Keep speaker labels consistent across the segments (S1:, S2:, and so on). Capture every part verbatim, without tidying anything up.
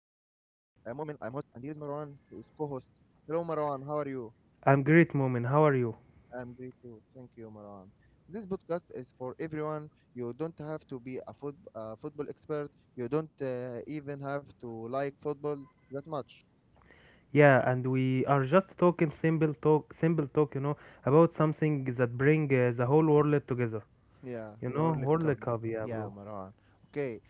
S1: am Mu'min, I am host, and here is Marwan, he is co-host. Hello Marwan, how are you?
S2: I'm great, Moment. How are you?
S1: I am great too. Thank you Marwan. This podcast is for everyone. You don't have to be a foot, uh, football expert. You don't uh, even have to like football that much.
S2: Yeah, and we are just talking simple talk, simple talk, you know, about something that bring uh, the whole world together.
S1: Yeah,
S2: You
S1: the
S2: know,
S1: World Cup.
S2: World Cup, yeah,
S1: Yeah,
S2: bro.
S1: Marwan. Okay,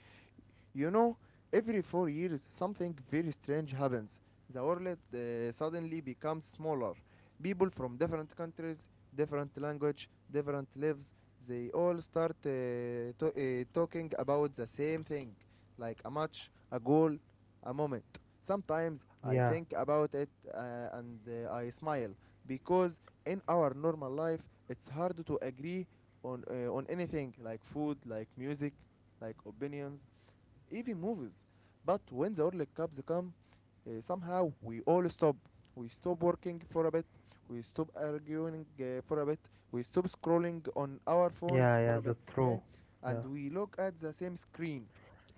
S1: you know, every four years something very strange happens. The world uh, suddenly becomes smaller. People from different countries, different language, different lives, they all start uh, to- uh, talking about the same thing, like a match, a goal, a moment. Sometimes I
S2: Yeah,
S1: think about it uh, and uh, I smile because in our normal life it's hard to agree on uh, on anything like food, like music, like opinions, even movies. But when the World Cups come, uh, somehow we all stop. We stop working for a bit. We stop arguing uh, for a bit. We stop scrolling on our phones
S2: yeah,
S1: for
S2: yeah,
S1: a bit.
S2: that's
S1: Yeah,
S2: true.
S1: and
S2: Yeah.
S1: we look at the same screen.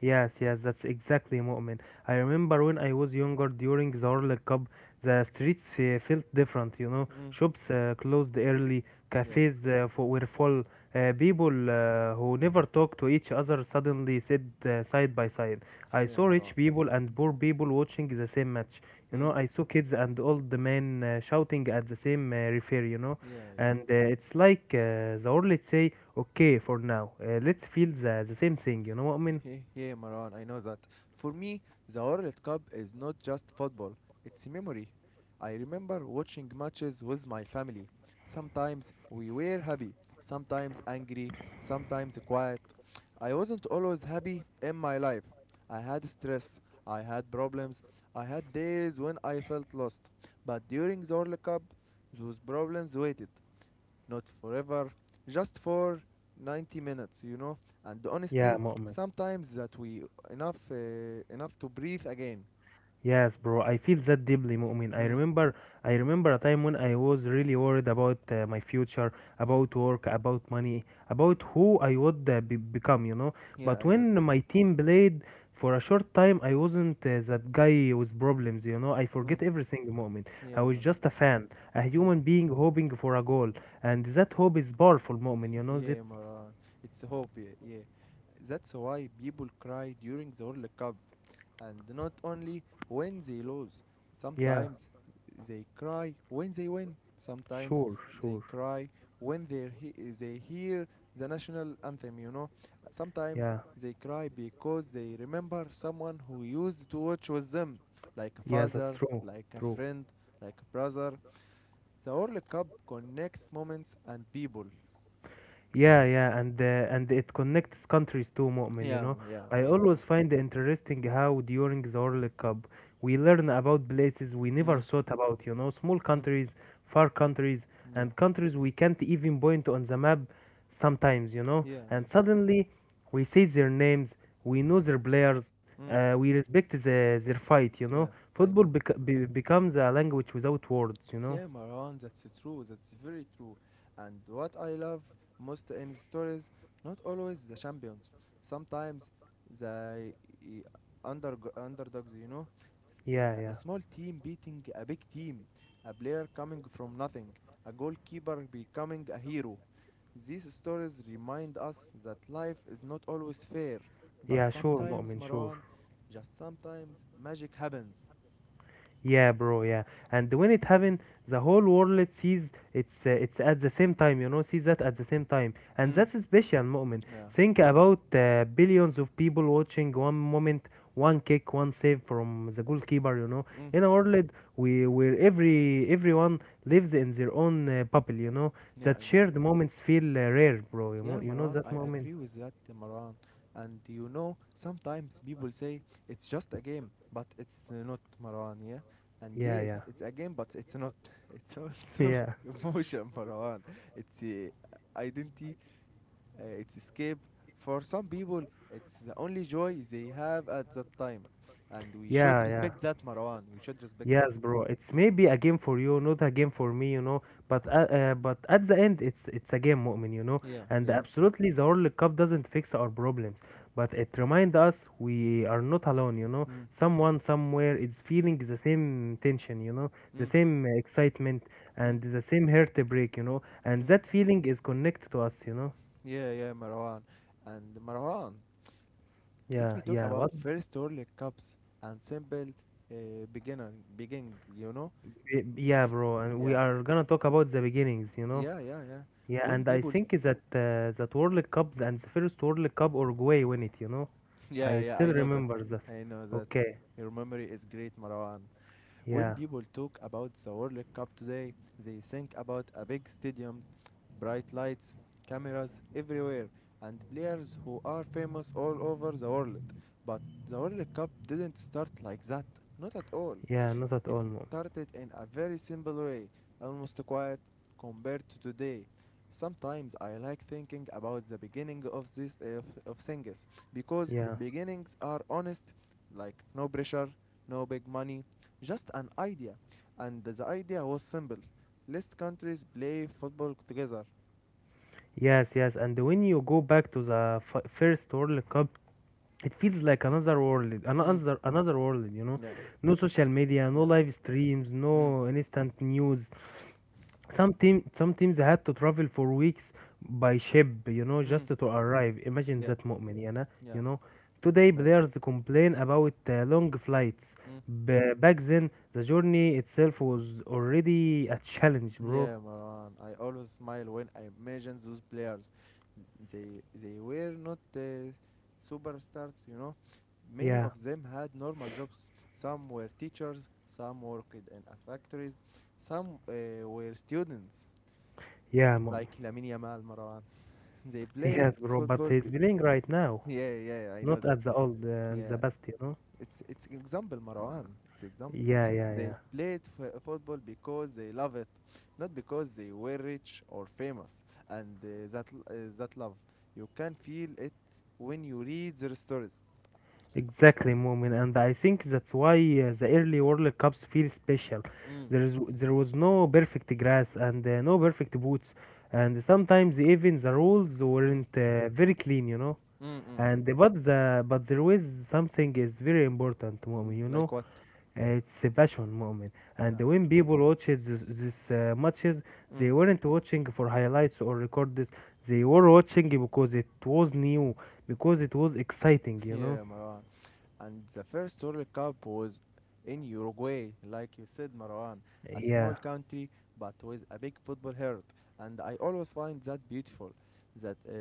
S2: Yes, yes, that's exactly Mu'min. I remember when I was younger during the World Cup, the streets uh, felt different, you know.
S1: Mm.
S2: Shops uh, closed early,
S1: Yeah,
S2: cafes uh, fu- were full. Uh, people uh, who never talked to each other suddenly sit uh, side by side. I
S1: yeah,
S2: saw rich
S1: Marwan.
S2: people and poor people watching the same match. You know,
S1: Mm.
S2: I saw kids and old men uh, shouting at the same uh, referee, you know.
S1: Yeah, yeah.
S2: And uh, it's like uh, the world, let's say, okay, for now, uh, let's feel the, the same thing, you know what I mean?
S1: Yeah, hey, Maran, I know that. For me, the World Cup is not just football, it's memory. I remember watching matches with my family. Sometimes we were happy, sometimes angry, sometimes quiet. I wasn't always happy in my life. I had stress, I had problems, I had days when I felt lost. But during the World Cup, those problems waited not forever, just for ninety minutes, you know. And
S2: Yeah,
S1: honestly,
S2: Mu'min.
S1: sometimes that we enough uh, enough to breathe again.
S2: Yes, bro. I feel that deeply, Mu'min. I
S1: Mm,
S2: remember, I remember a time when I was really worried about uh, my future,
S1: mm.
S2: about work, about money, about who I would uh, be- become, you know.
S1: Yeah,
S2: But
S1: I know that.
S2: when my team played for a short time, I wasn't uh, that guy with problems, you know. I
S1: Mm.
S2: forget everything, Mu'min. I
S1: Yeah,
S2: was
S1: Mala.
S2: just a fan, a
S1: Mm.
S2: human being hoping for a goal, and that hope is powerful, Mu'min. You know that?
S1: yeah, Maran. It's hope. Hobby. Yeah, that's why people cry during the World Cup, and not only when they lose.
S2: Yeah,
S1: Sometimes they cry when they win. Sometimes
S2: sure,
S1: they
S2: sure.
S1: cry when they he- they hear the national anthem. You know. Sometimes
S2: Yeah,
S1: they cry because they remember someone who used to watch with them, like a
S2: yeah, that's
S1: father,
S2: true,
S1: like a
S2: true.
S1: friend, like a brother. The World Cup connects moments and people.
S2: Yeah, yeah, and uh, and it connects countries too, Mu'min, you
S1: Yeah,
S2: know.
S1: m- yeah,
S2: I
S1: yeah, I
S2: always
S1: know.
S2: find it interesting how during the World Cup we learn about places we never
S1: Mm,
S2: thought about, you know, small
S1: mm,
S2: countries, far countries,
S1: yeah,
S2: and countries we can't even point on the map sometimes, you know.
S1: yeah, yeah,
S2: And suddenly we say their names, we know their players,
S1: mm,
S2: uh, we respect the, their fight, you
S1: yeah,
S2: know.
S1: I
S2: Football
S1: know that.
S2: bec- be- becomes a language without words, you
S1: Yeah,
S2: know.
S1: Marwan, that's true. That's very true. And what I love most in the stories, not always the champions. Sometimes the y- under underdogs, you know, S-
S2: Yeah,
S1: uh, a
S2: yeah.
S1: small team beating a big team, a player coming from nothing, a goalkeeper becoming a hero. These stories remind us that life is not always fair, but
S2: Yeah, sure,
S1: sometimes,
S2: Mu'min, sure.
S1: Marwan, just sometimes magic happens.
S2: Yeah, bro. Yeah, and when it happen, the whole world sees it's uh, it's at the same time. You know, sees that at the same time, and
S1: Mm.
S2: that's a special moment.
S1: Yeah.
S2: Think about uh, billions of people watching one moment, one kick, one save from the goalkeeper. You know,
S1: Mm.
S2: in a world we where every everyone lives in their own uh, bubble. You know,
S1: Yeah,
S2: that
S1: I know.
S2: shared moments feel uh, rare, bro. You know,
S1: Yeah,
S2: you know
S1: Marwan,
S2: that
S1: I
S2: moment.
S1: agree with that, Marwan. And you know, sometimes people say it's just a game, but it's uh, not, Marwan, yeah? And
S2: Yeah,
S1: yes,
S2: yeah,
S1: it's a game, but it's not. It's also
S2: yeah,
S1: emotion, Marwan. It's uh, identity, uh, it's escape for some people, it's the only joy they have at that time, and we should
S2: yeah, yeah.
S1: respect that Marwan, we should respect that.
S2: Yes, bro. It's maybe a game for you, not a game for me, you know. But uh, uh, but at the end, it's it's a game, Mu'min, you know.
S1: Yeah,
S2: And
S1: yeah.
S2: absolutely, the World Cup doesn't fix our problems, but it reminds us we are not alone, you know.
S1: Mm,
S2: Someone somewhere is feeling the same tension, you know, the
S1: mm,
S2: same uh, excitement
S1: mm,
S2: and the same heartbreak, you know. And
S1: mm.
S2: that feeling is connected to us, you know.
S1: Yeah, yeah Marwan, and Marwan, let
S2: Yeah,
S1: me talk
S2: yeah.
S1: about
S2: What?
S1: first Orlick cups and simple, uh, beginner beginning, you know.
S2: Yeah, bro. And we
S1: Yeah,
S2: are gonna talk about the beginnings, you know.
S1: yeah, yeah, yeah.
S2: Yeah,
S1: When
S2: and I
S1: people
S2: think that uh, that World Cups and the first World Cup Uruguay win it, you know?
S1: yeah,
S2: I
S1: yeah,
S2: still
S1: I know that.
S2: remember that.
S1: I know that, y-
S2: Okay.
S1: your memory is great Marwan. When
S2: Yeah.
S1: people talk about the World Cup today, they think about a big stadiums, bright lights, cameras everywhere, and players who are famous all over the world. But the World Cup didn't start like that, not at all.
S2: Yeah, not at
S1: It
S2: all, mom.
S1: started in a very simple way, almost quiet compared to today. Sometimes I like thinking about the beginning of this of, of things because
S2: Yeah.
S1: beginnings are honest, like no pressure, no big money, just an idea, and the idea was simple. Less countries play football together.
S2: Yes, yes. And when you go back to the f- first World Cup, it feels like another world,
S1: Mm.
S2: another another world, you know?
S1: Yeah,
S2: No social media, no
S1: yeah.
S2: live streams,
S1: Mm.
S2: no instant news. Some team, some teams had to travel for weeks by ship, you know,
S1: Mm.
S2: just to arrive. Imagine
S1: Yeah,
S2: that, مؤمن يعني,
S1: yeah,
S2: you know.
S1: yeah.
S2: Today
S1: Imagine.
S2: players complain about uh, long flights.
S1: Mm.
S2: B- back then the journey itself was already a challenge, bro.
S1: Yeah, Maran. I always smile when I imagine those players. They they were not uh, superstars, you know. Many
S2: Yeah,
S1: of them had normal jobs. Some were teachers, some worked in a factories, some uh, were students,
S2: yeah, مؤمن.
S1: like Lamine Yamal, Maran. They played
S2: Yes, bro, but
S1: football.
S2: he's
S1: Be-
S2: playing right now,
S1: yeah, yeah, I know
S2: not
S1: that.
S2: at the old uh, and the
S1: Yeah,
S2: best, you know.
S1: it's it's an example, Marwan. It's example.
S2: Yeah, yeah, yeah.
S1: They played f- football because they love it, not because they were rich or famous. And uh, that l- uh, that love, you can feel it when you read their stories.
S2: Exactly, Mumin, and I think that's why uh, the early World Cups feel special.
S1: Mm.
S2: There is there was no perfect grass and uh, no perfect boots, and sometimes even the rules
S1: Mm.
S2: weren't uh, very clean, you know.
S1: Mm-mm.
S2: And uh, but the but there was something is very important, Mumin.
S1: Mm.
S2: You know,
S1: Like what?
S2: Uh, it's a passion, Mumin. And
S1: Yeah.
S2: when people watched this, this uh, matches, they
S1: Mm.
S2: weren't watching for highlights or records. They were watching because it was new, because it was exciting, you know.
S1: Yeah, Marwan. And the first World Cup was in Uruguay, like you said, Marwan, a small
S2: Yeah.
S1: country but with a big football heart. And I always find that beautiful that uh,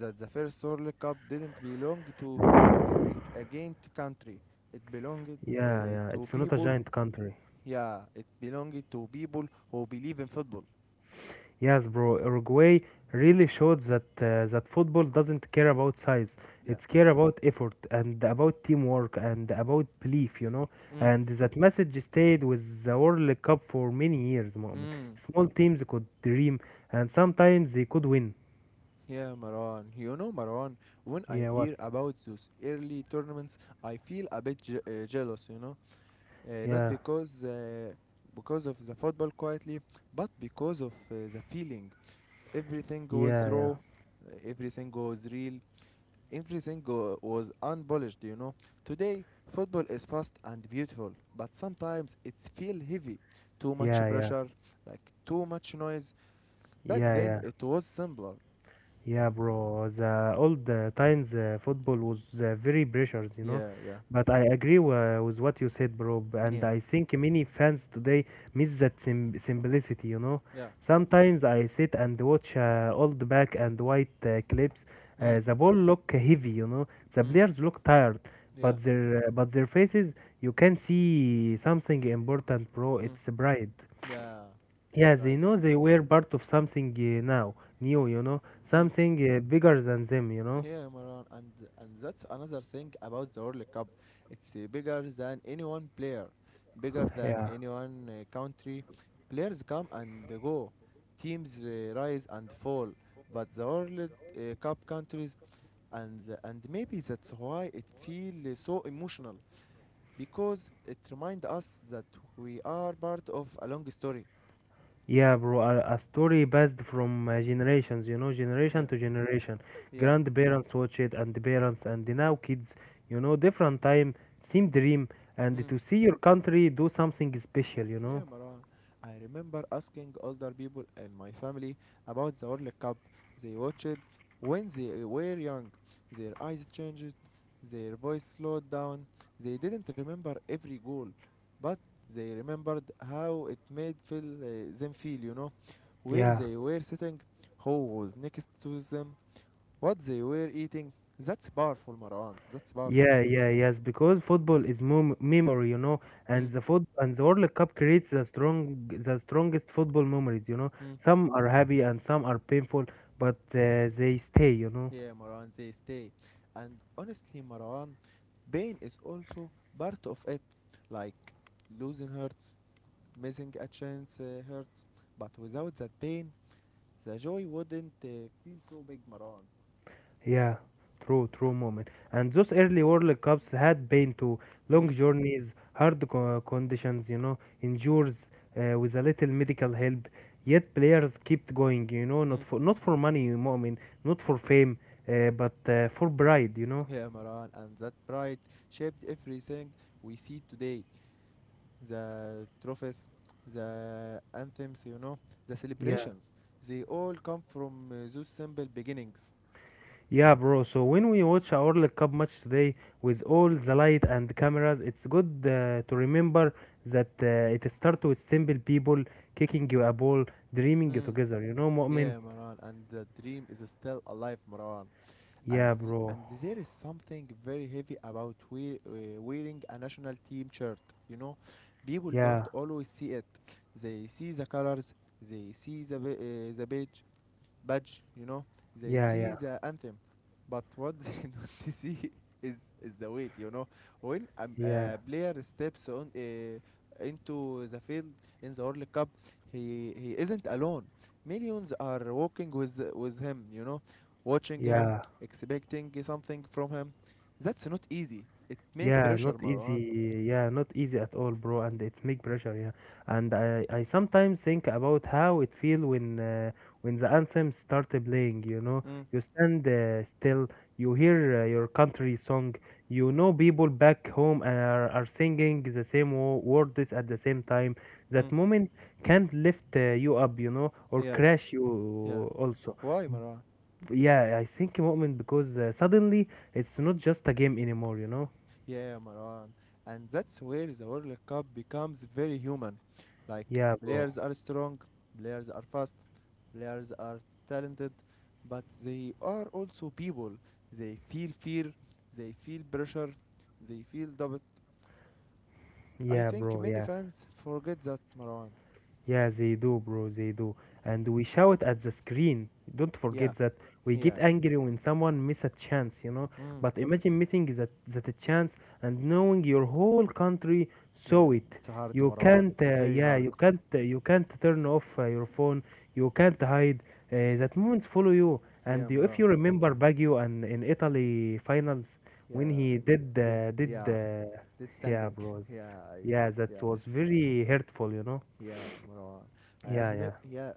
S1: that the first World Cup didn't belong to a, a, a giant country. It belonged uh,
S2: Yeah, yeah,
S1: to
S2: it's not a
S1: people.
S2: giant country.
S1: Yeah, it belonged to people who believe in football.
S2: Yes, bro, Uruguay really showed that uh, that football doesn't care about size.
S1: Yeah.
S2: It's care about effort and about teamwork and about belief, you know.
S1: Mm.
S2: And that message stayed with the World Cup for many years, Mu'min.
S1: Mm.
S2: Small teams could dream and sometimes they could win.
S1: Yeah, Marwan. You know, Marwan, when I
S2: Yeah, what?
S1: hear about those early tournaments, I feel a bit je- uh, jealous, you know, uh, not
S2: Yeah,
S1: because uh, because of the football quietly, but because of uh, the feeling. Everything was
S2: yeah, yeah,
S1: raw, uh, everything was real, everything go- was unpolished. You know, today football is fast and beautiful, but sometimes it feels heavy, too much
S2: yeah, yeah,
S1: pressure, like too much noise. Back
S2: yeah,
S1: then
S2: yeah.
S1: it was simpler.
S2: Yeah, bro. The old uh, times uh, football was uh, very precious, you know.
S1: Yeah, yeah,
S2: But I agree uh, with what you said, bro. b- And
S1: yeah,
S2: I think many fans today miss that sim- simplicity, you know.
S1: yeah.
S2: Sometimes I sit and watch uh, old black and white uh, clips.
S1: Mm,
S2: Uh, the ball look heavy, you know. The
S1: mm,
S2: players look tired,
S1: yeah,
S2: but their uh, but their faces, you can see something important, bro.
S1: mm,
S2: It's pride.
S1: yeah.
S2: Yeah, they
S1: Right.
S2: know they were part of something uh, now, new, you know, something uh, bigger than them, you know.
S1: Yeah, Maran, and and that's another thing about the World Cup. It's uh, bigger than any one player, bigger than
S2: Yeah.
S1: any one uh, country. Players come and they go, teams uh, rise and fall. But the World uh, Cup countries, and the- and maybe that's why it feels so emotional because it reminds us that we are part of a long story.
S2: Yeah, bro, a, a story passed from uh, generations, you know,
S1: Yeah,
S2: generation to generation.
S1: yeah.
S2: Grandparents watch it, and the parents, and now kids, you know, different time, same dream, and
S1: Hmm.
S2: to see your country do something special, you
S1: Yeah,
S2: know.
S1: Maran. I remember asking older people in my family about the World Cup. They watched it when they were young. Their eyes changed, their voice slowed down. They didn't remember every goal, but they remembered how it made feel, uh, them feel, you know, where
S2: Yeah.
S1: they were sitting, who was next to them, what they were eating. That's powerful, Marwan. That's powerful.
S2: Yeah, yeah, yes, because football is mem memory, you know, and
S1: Mm,
S2: the foot and the World Cup creates the strong, the strongest football memories, you know.
S1: mm.
S2: Some are happy and some are painful, but uh, they stay, you know.
S1: Yeah, Marwan, they stay. And honestly, Marwan, pain is also part of it. Like losing hurts, missing a chance uh, hurts. But without that pain, the joy wouldn't uh, feel so big, Marwan.
S2: Yeah, true, true moment. And those early World Cups had pain too,
S1: Mm,
S2: long journeys, hard co conditions, you know, injuries uh, with a little medical help. Yet players kept going, you know, not
S1: mm.
S2: for not for money, I mean, not for fame, uh, but uh, for pride, you know.
S1: Yeah, Marwan, and that pride shaped everything we see today. The trophies, the anthems, you know, the
S2: Yeah.
S1: celebrations. They all come from uh, those simple beginnings.
S2: Yeah, bro. So when we watch our World Cup match today with all the light and cameras, it's good uh, to remember that uh, it starts with simple people kicking a ball, dreaming together. You know, Mu'min?
S1: Yeah, Maran, and the dream is still alive, Maran. And
S2: Yeah,
S1: th-
S2: bro.
S1: and there is something very heavy about wear, uh, wearing a national team shirt. You know, people
S2: Yeah,
S1: don't always see it. They see the colors, they see the ba- uh, the badge, badge, you know, they
S2: yeah,
S1: see
S2: yeah,
S1: the anthem, but what they don't see is is the weight, you know. When a, m-
S2: yeah,
S1: a player steps on uh, into the field in the World Cup, he he isn't alone. Millions are walking with with him, you know, watching him,
S2: yeah.
S1: expecting something from him. That's not easy. It make
S2: Yeah,
S1: pressure,
S2: not
S1: Marwan.
S2: easy. Yeah, not easy at all, bro.
S1: Mm,
S2: And it's big pressure. Yeah, and I, I sometimes think about how it feel when uh, when the anthem start playing. You know,
S1: mm,
S2: you stand uh, still, you hear uh, your country song, you know people back home are, are singing the same wo- words at the same time. That
S1: mm.
S2: moment can lift uh, you up, you know, or
S1: Yeah,
S2: crash you
S1: yeah.
S2: also.
S1: Why, Marwan?
S2: B- Yeah, I think moment because uh, suddenly it's not just a game anymore. You know.
S1: Yeah, Marwan. And that's where the World Cup becomes very human. Like,
S2: Yeah, bro.
S1: players are strong, players are fast, players are talented, but they are also people. They feel fear, they feel pressure, they feel doubt. I
S2: Yeah,
S1: think
S2: bro.
S1: many
S2: Yeah.
S1: fans forget that, Marwan.
S2: Yeah, they do, bro, they do. And we shout at the screen. Don't
S1: Yeah,
S2: forget that we get
S1: yeah.
S2: angry when someone miss a chance, you know.
S1: Mm,
S2: But imagine missing that that a chance and knowing your whole country
S1: yeah,
S2: saw it.
S1: it's hard,
S2: You
S1: Marwan.
S2: can't,
S1: It's
S2: uh,
S1: very
S2: yeah,
S1: hard.
S2: you can't, uh, you can't turn off uh, your phone. You can't hide. Uh, that moments follow you.
S1: Yeah,
S2: And you, if
S1: Marwan.
S2: you remember Baggio and in Italy finals when
S1: Yeah.
S2: he did,
S1: The,
S2: uh, did,
S1: yeah,
S2: uh,
S1: it's
S2: yeah,
S1: standing.
S2: bro,
S1: Yeah, I,
S2: yeah, that
S1: yeah.
S2: was very hurtful, you know.
S1: Yeah, Marwan. I
S2: Yeah,
S1: have
S2: yeah.
S1: never. Yeah,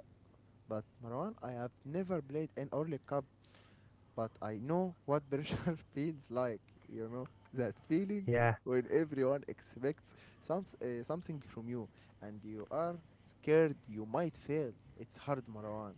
S1: but Marwan, I have never played an Orly Cup, but I know what pressure feels like. You know that feeling
S2: Yeah,
S1: when everyone expects some uh, something from you, and you are scared you might fail. It's hard, Marwan.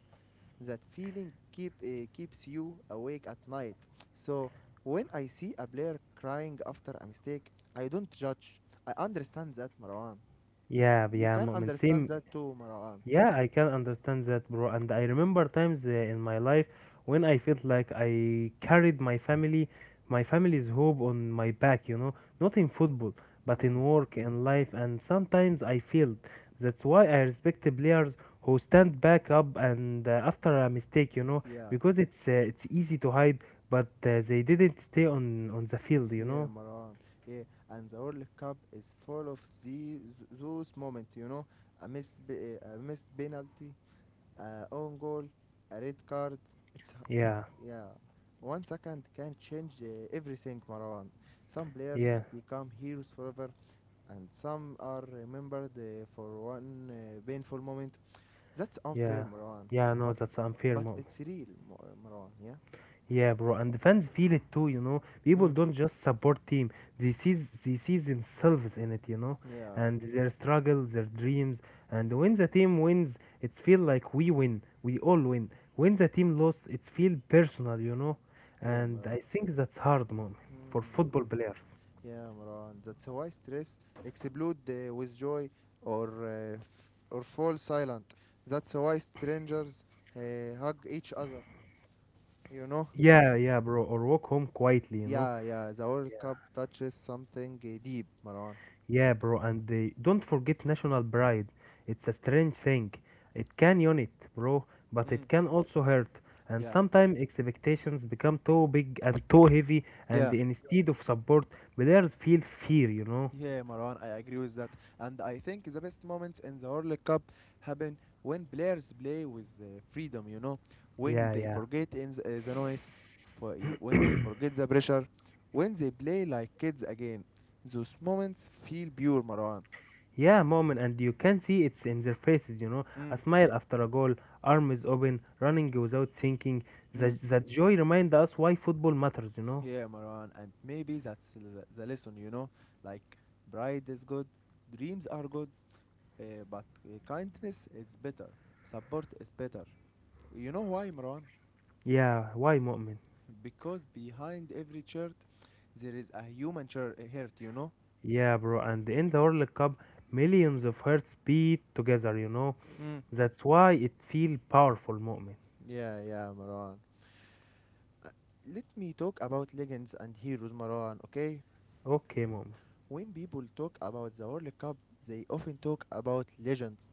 S1: That feeling keep uh, keeps you awake at night. So when I see a player crying after a mistake, I don't judge. I understand that, Marwan.
S2: yeah,
S1: You
S2: yeah,
S1: can
S2: Mu'min.
S1: understand
S2: Same.
S1: that too, Marwan.
S2: Yeah, I can understand that, bro. And I remember times uh, in my life when I felt like I carried my family, my family's hope on my back, you know, not in football, but in
S1: Mm.
S2: work, in life, and sometimes I failed. That's why I respect the players who stand back up and uh, after a mistake, you know,
S1: Yeah,
S2: because it's uh, it's easy to hide, but uh, they didn't stay on on the field, you
S1: yeah,
S2: know.
S1: Maran. Yeah, and the World Cup is full of the, those moments, you know, a missed, b- a missed penalty, a own goal, a red card. It's h-
S2: Yeah,
S1: yeah, one second can change uh, everything, Maran. Some players
S2: yeah,
S1: become heroes forever, and some are remembered uh, for one uh, painful moment. That's unfair,
S2: yeah.
S1: Maran.
S2: Yeah, no,
S1: But
S2: that's unfair,
S1: but
S2: Mu'min.
S1: it's real, Mo- Marwan. Yeah.
S2: Yeah, bro, and the fans feel it too, you know. People
S1: Mm,
S2: don't just support team; they sees they see themselves in it, you know,
S1: yeah.
S2: and their struggle, their dreams. And when the team wins, it's feel like we win. We all win. When the team loses, it's feel personal, you know.
S1: Yeah,
S2: And
S1: Maran.
S2: I think that's hard, mom, for
S1: Hmm.
S2: football players.
S1: Yeah, Maran. That's why stress explode uh, with joy or uh, f- or fall silent. That's why strangers uh, hug each other. You know?
S2: Yeah, yeah, bro. Or walk home quietly, you know.
S1: Yeah, yeah. The World Cup touches something uh, deep, Maran.
S2: Yeah, bro, and they don't forget national pride. It's a strange thing. It can unite, bro, but
S1: Mm.
S2: it can also hurt. And
S1: Yeah.
S2: sometimes expectations become too big and too heavy, and
S1: Yeah.
S2: instead of support, players feel fear, you know?
S1: Yeah, Marwan, I agree with that. And I think the best moments in the World Cup happen when players play with uh, freedom, you know, when
S2: Yeah,
S1: they
S2: yeah.
S1: forget in the, uh, the noise, for y- when they forget the pressure, when they play like kids again. Those moments feel pure, Marwan.
S2: Yeah, moment, and you can see it's in their faces, you know? A
S1: Mm,
S2: smile after a goal, arms open, running without thinking.
S1: mm.
S2: That, that joy reminds us why football matters, you know?
S1: Yeah, Marwan, and maybe that's the, the lesson, you know, like pride is good, dreams are good, uh, but uh, kindness is better, support is better. You know why, Marwan?
S2: Yeah, why, moment?
S1: Because behind every shirt there is a human shirt, hurt, you know?
S2: Yeah, bro, and in the World Cup, millions of hearts beat together, you know.
S1: Mm.
S2: That's why it feel powerful, moment.
S1: Yeah, yeah, Marwan. Uh, Let me talk about legends and heroes, Marwan, okay?
S2: Okay, moment.
S1: When people talk about the World Cup, they often talk about legends,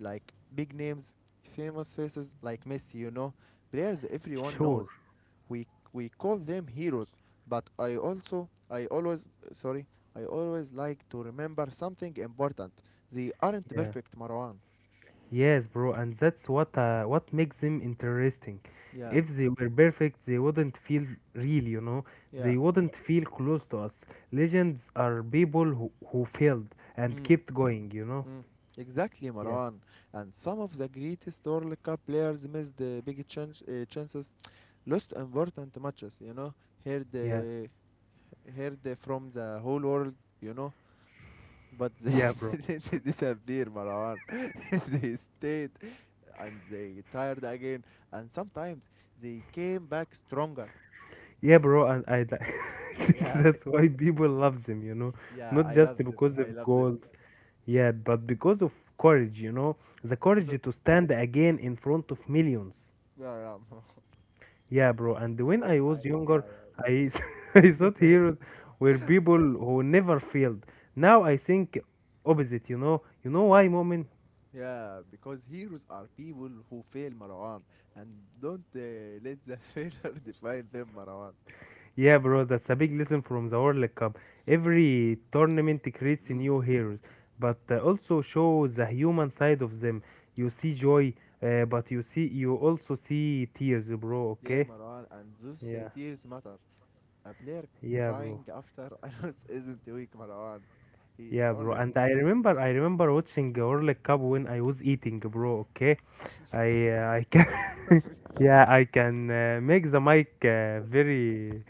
S1: like big names, famous faces like Messi, you know, players everyone
S2: Sure.
S1: knows. We we call them heroes, but I also I always sorry, I always like to remember something important. They aren't
S2: Yeah.
S1: perfect, Marwan.
S2: Yes, bro, and that's what uh, what makes them interesting.
S1: Yeah.
S2: If they were perfect, they wouldn't feel real, you know.
S1: Yeah.
S2: They wouldn't feel close to us. Legends are people who, who failed and
S1: Mm.
S2: kept going, you know.
S1: Mm. Exactly,
S2: Yeah.
S1: Maran. And some of the greatest World Cup players missed the big chance, uh, chances, lost important matches, you know, heard,
S2: Yeah.
S1: uh, heard from the whole world, you know, but they
S2: Yeah, bro.
S1: didn't disappear, Maran. They stayed and they tired again, and sometimes they came back stronger.
S2: Yeah, bro, and I, li- I think
S1: Yeah,
S2: that's why people loves him, you know,
S1: yeah,
S2: not
S1: I
S2: just
S1: love them.
S2: because
S1: I
S2: of
S1: love them.
S2: goals, yeah, but because of courage, you know, the
S1: Because, uh,
S2: courage to stand again in front of millions.
S1: yeah, yeah.
S2: Yeah, bro, and when
S1: when
S2: I was
S1: I, yeah,
S2: younger,
S1: yeah, let
S2: I,
S1: me,
S2: s- I thought heroes were people who never failed. Now I think opposite, you know. You know why,
S1: yeah.
S2: Moment?
S1: Yeah, because heroes are people who fail Marwan and don't uh, let the failure define them, Marwan.
S2: Yeah, bro, that's a big lesson from the World Cup. Every tournament creates
S1: Mm.
S2: new heroes, but uh, also shows the human side of them. You see joy, uh, but you see you also see tears, bro.
S1: Yeah,
S2: Okay?
S1: Marwan, and those uh,
S2: Yeah,
S1: tears matter. A player
S2: yeah, bro.
S1: crying after a loss isn't weak, Marwan. He is
S2: Yeah, bro.
S1: honest.
S2: And I remember, I remember watching the World Cup when I was eating, bro. Okay, I uh, I can, yeah, I can uh, make the mic uh, very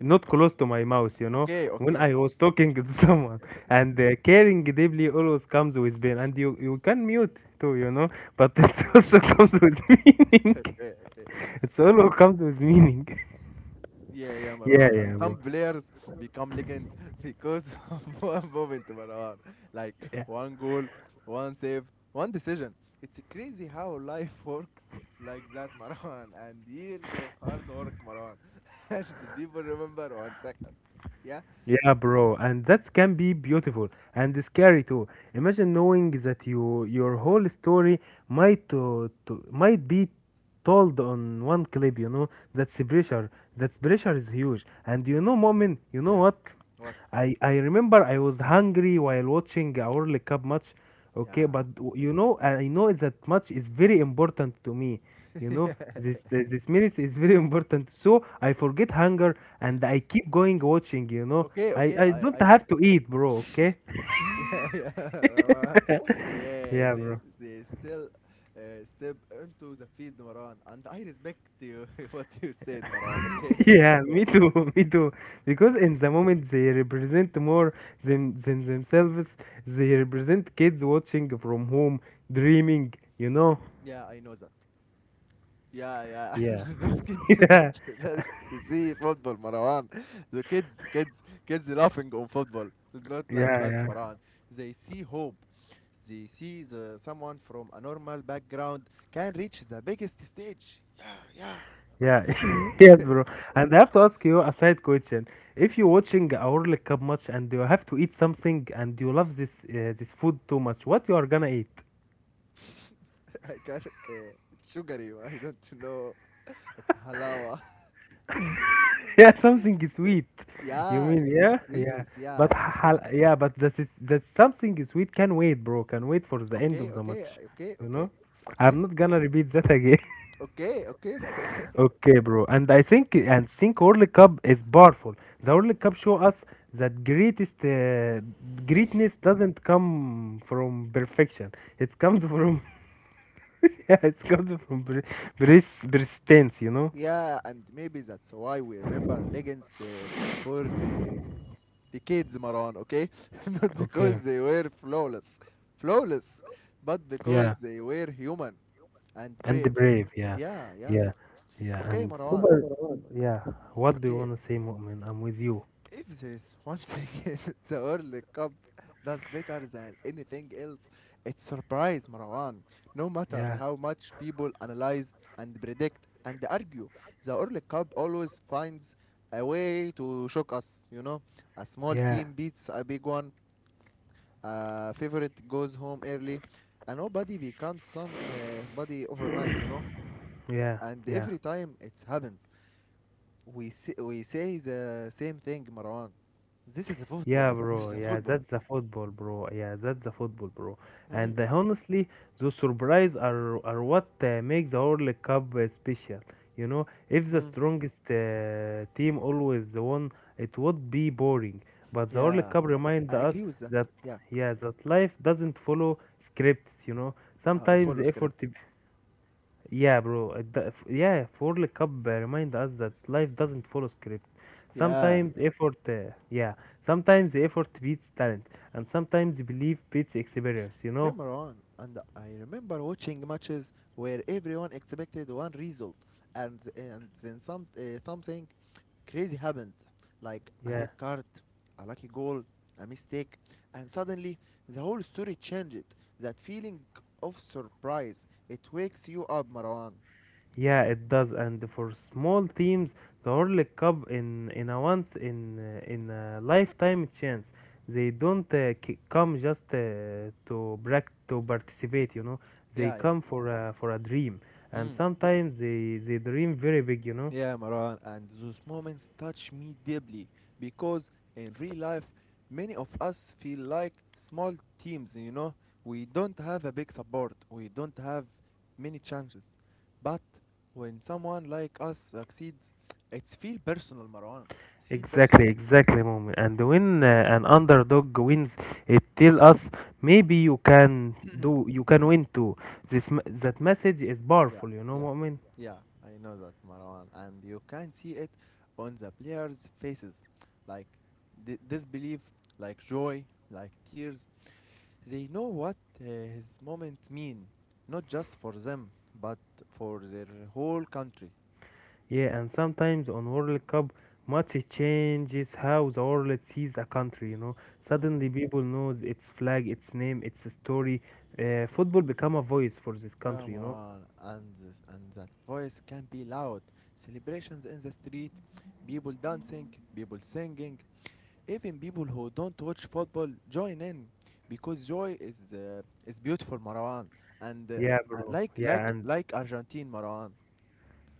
S2: not close to my mouth, you know,
S1: Okay,
S2: when
S1: okay,
S2: I was talking to someone. And uh, caring deeply always comes with pain, and you, you can mute too, you know, but it also comes with meaning.
S1: okay, okay.
S2: It's always comes with meaning.
S1: Yeah, yeah,
S2: yeah,
S1: Marwan.
S2: yeah,
S1: And some
S2: bro.
S1: players become legends because of one moment, Marwan. Like
S2: Yeah.
S1: one goal, one save, one decision. It's crazy how life works like that, Marwan. And years of hard work, Marwan. And the people remember one second. Yeah?
S2: Yeah, bro, and that can be beautiful and scary too. Imagine knowing that you your whole story might to, to might be told on one clip. You know that's the pressure. That pressure is huge. And you
S1: Yeah.
S2: know, moment, you know
S1: Yeah.
S2: what?
S1: What?
S2: I I remember I was hungry while watching a World Cup match. Okay,
S1: Yeah.
S2: but w- you know, I know that match is very important to me. You know,
S1: Yeah.
S2: this this, this minutes is very important. So I forget hunger and I keep going watching. You know,
S1: Okay,
S2: I
S1: okay.
S2: I
S1: I,
S2: don't
S1: I
S2: have to eat, bro. Okay?
S1: yeah, Marwan. yeah,
S2: Yeah,
S1: they,
S2: bro.
S1: they still uh, step into the field, Maran. And I respect you, what you said, Maran. Okay,
S2: Yeah,
S1: okay,
S2: me too, me too. Because
S1: okay.
S2: in the moment they represent more than than themselves. They represent kids watching from home, dreaming. You know.
S1: Yeah, I know that. Yeah, yeah. And
S2: Yeah.
S1: those kids don't just see football, Maran. The kids, kids, kids laughing on football. Not like
S2: Yeah.
S1: us,
S2: Yeah.
S1: Maran. They see hope. They see the someone from a normal background can reach the biggest stage. Yeah, yeah.
S2: Yeah, yes, bro. And I have to ask you a side question. If you're watching a World Cup match and you have to eat something and you love this uh, this food too much, what you are gonna eat?
S1: I got uh, sugary. I don't know. It's halawa.
S2: Yeah, something sweet. You
S1: Yeah,
S2: mean
S1: sweet,
S2: yeah, yeah.
S1: sweetness. Yeah,
S2: But
S1: yeah.
S2: hal yeah, but that is that something sweet can wait, bro. Can wait for the end
S1: Okay,
S2: of the
S1: okay,
S2: match.
S1: okay,
S2: You
S1: okay,
S2: know,
S1: okay,
S2: I'm not gonna repeat that.
S1: okay, okay, okay.
S2: Okay, bro. And I think and think World Cup is powerful. The World Cup show us that greatest uh, greatness doesn't come from perfection. It comes from yeah, it comes from per- pers- persistence. You know.
S1: Yeah, and maybe that's why we remember leggings uh, for the the kids, Maran. Okay, not
S2: Okay.
S1: because they were flawless, flawless, but because
S2: Yeah.
S1: they were human and
S2: And the
S1: brave.
S2: brave. Yeah.
S1: Yeah, yeah.
S2: Yeah. Yeah.
S1: Okay,
S2: And
S1: Marwan.
S2: super. Yeah. What do you
S1: Okay,
S2: wanna say, Mu'min? I'm with you.
S1: if there is one thing the World Cup does better than anything else, it's surprise, Marwan. No matter
S2: Yeah.
S1: how much people analyze and predict and argue, the World Cup always finds a way to shock us, you know. A small
S2: Yeah.
S1: team beats a big one, a favorite goes home early, and nobody becomes somebody overnight, you know.
S2: Yeah.
S1: And
S2: Yeah.
S1: every time it happens, we say, we say the same thing, Marwan. This is a football.
S2: Yeah,
S1: This is
S2: bro.
S1: a
S2: Yeah,
S1: football.
S2: that's the football, bro. Yeah, that's the football, bro. And
S1: Mm.
S2: uh, honestly, those surprise are are what uh, make the World Cup uh, special. You know, if the
S1: Mm.
S2: strongest uh, team always won, it would be boring. But the World
S1: Yeah,
S2: Cup remind
S1: I
S2: us
S1: agree with that.
S2: that
S1: Yeah,
S2: yeah, that life doesn't follow scripts. You know,
S1: Uh, I
S2: sometimes
S1: follow
S2: effort
S1: scripts.
S2: yeah, bro. uh, The, f- yeah, Forley Cup uh, remind us that life doesn't follow script.
S1: Yeah,
S2: Sometimes effort, uh, yeah, sometimes effort beats talent, and sometimes belief beats experience. You
S1: yeah,
S2: know?
S1: Marwan. And I remember watching matches where everyone expected one result, and and then some uh, something crazy happened, like a
S2: Yeah,
S1: red card, a lucky goal, a mistake, and suddenly the whole story changed. That feeling of surprise, it wakes you up, Marwan.
S2: yeah, it does. And for small teams, the Forley Cup in in a once in uh, in a lifetime chance. They don't uh, c- come just uh, to brac to participate. You know, they
S1: Yeah, yeah.
S2: come for a for a dream, and
S1: Mm.
S2: sometimes they they dream very big. You know?
S1: Yeah, Maran, and those moments touch me deeply because in real life, many of us feel like small teams, you know? We don't have a big support, we don't have many chances. But when someone like us succeeds, it's feel personal, Marwan. It's feel personal.
S2: Exactly, exactly, moment. And when uh, an underdog wins, it tells us maybe you can do, you can win too. This m- that message is
S1: Yeah,
S2: powerful, you know,
S1: yeah,
S2: moment.
S1: yeah, I know that, Marwan. And you can see it on the players' faces like di- disbelief, like joy, like tears. They know what uh, his moments mean, not just for them, but for their whole country.
S2: Yeah, and sometimes on World Cup, much it changes how the world sees a country. You know,
S1: Mm.
S2: suddenly people knows its flag, its name, its story. Uh, football become a voice for this
S1: Yeah,
S2: country. You know.
S1: Marwan, and th- and that voice can be loud. Celebrations in the street, people dancing, people singing, even people who don't watch football join in, because joy is uh, is beautiful, Marwan, and uh,
S2: Yeah,
S1: uh,
S2: bro.
S1: like
S2: Yeah,
S1: like
S2: and
S1: like Argentine, Marwan.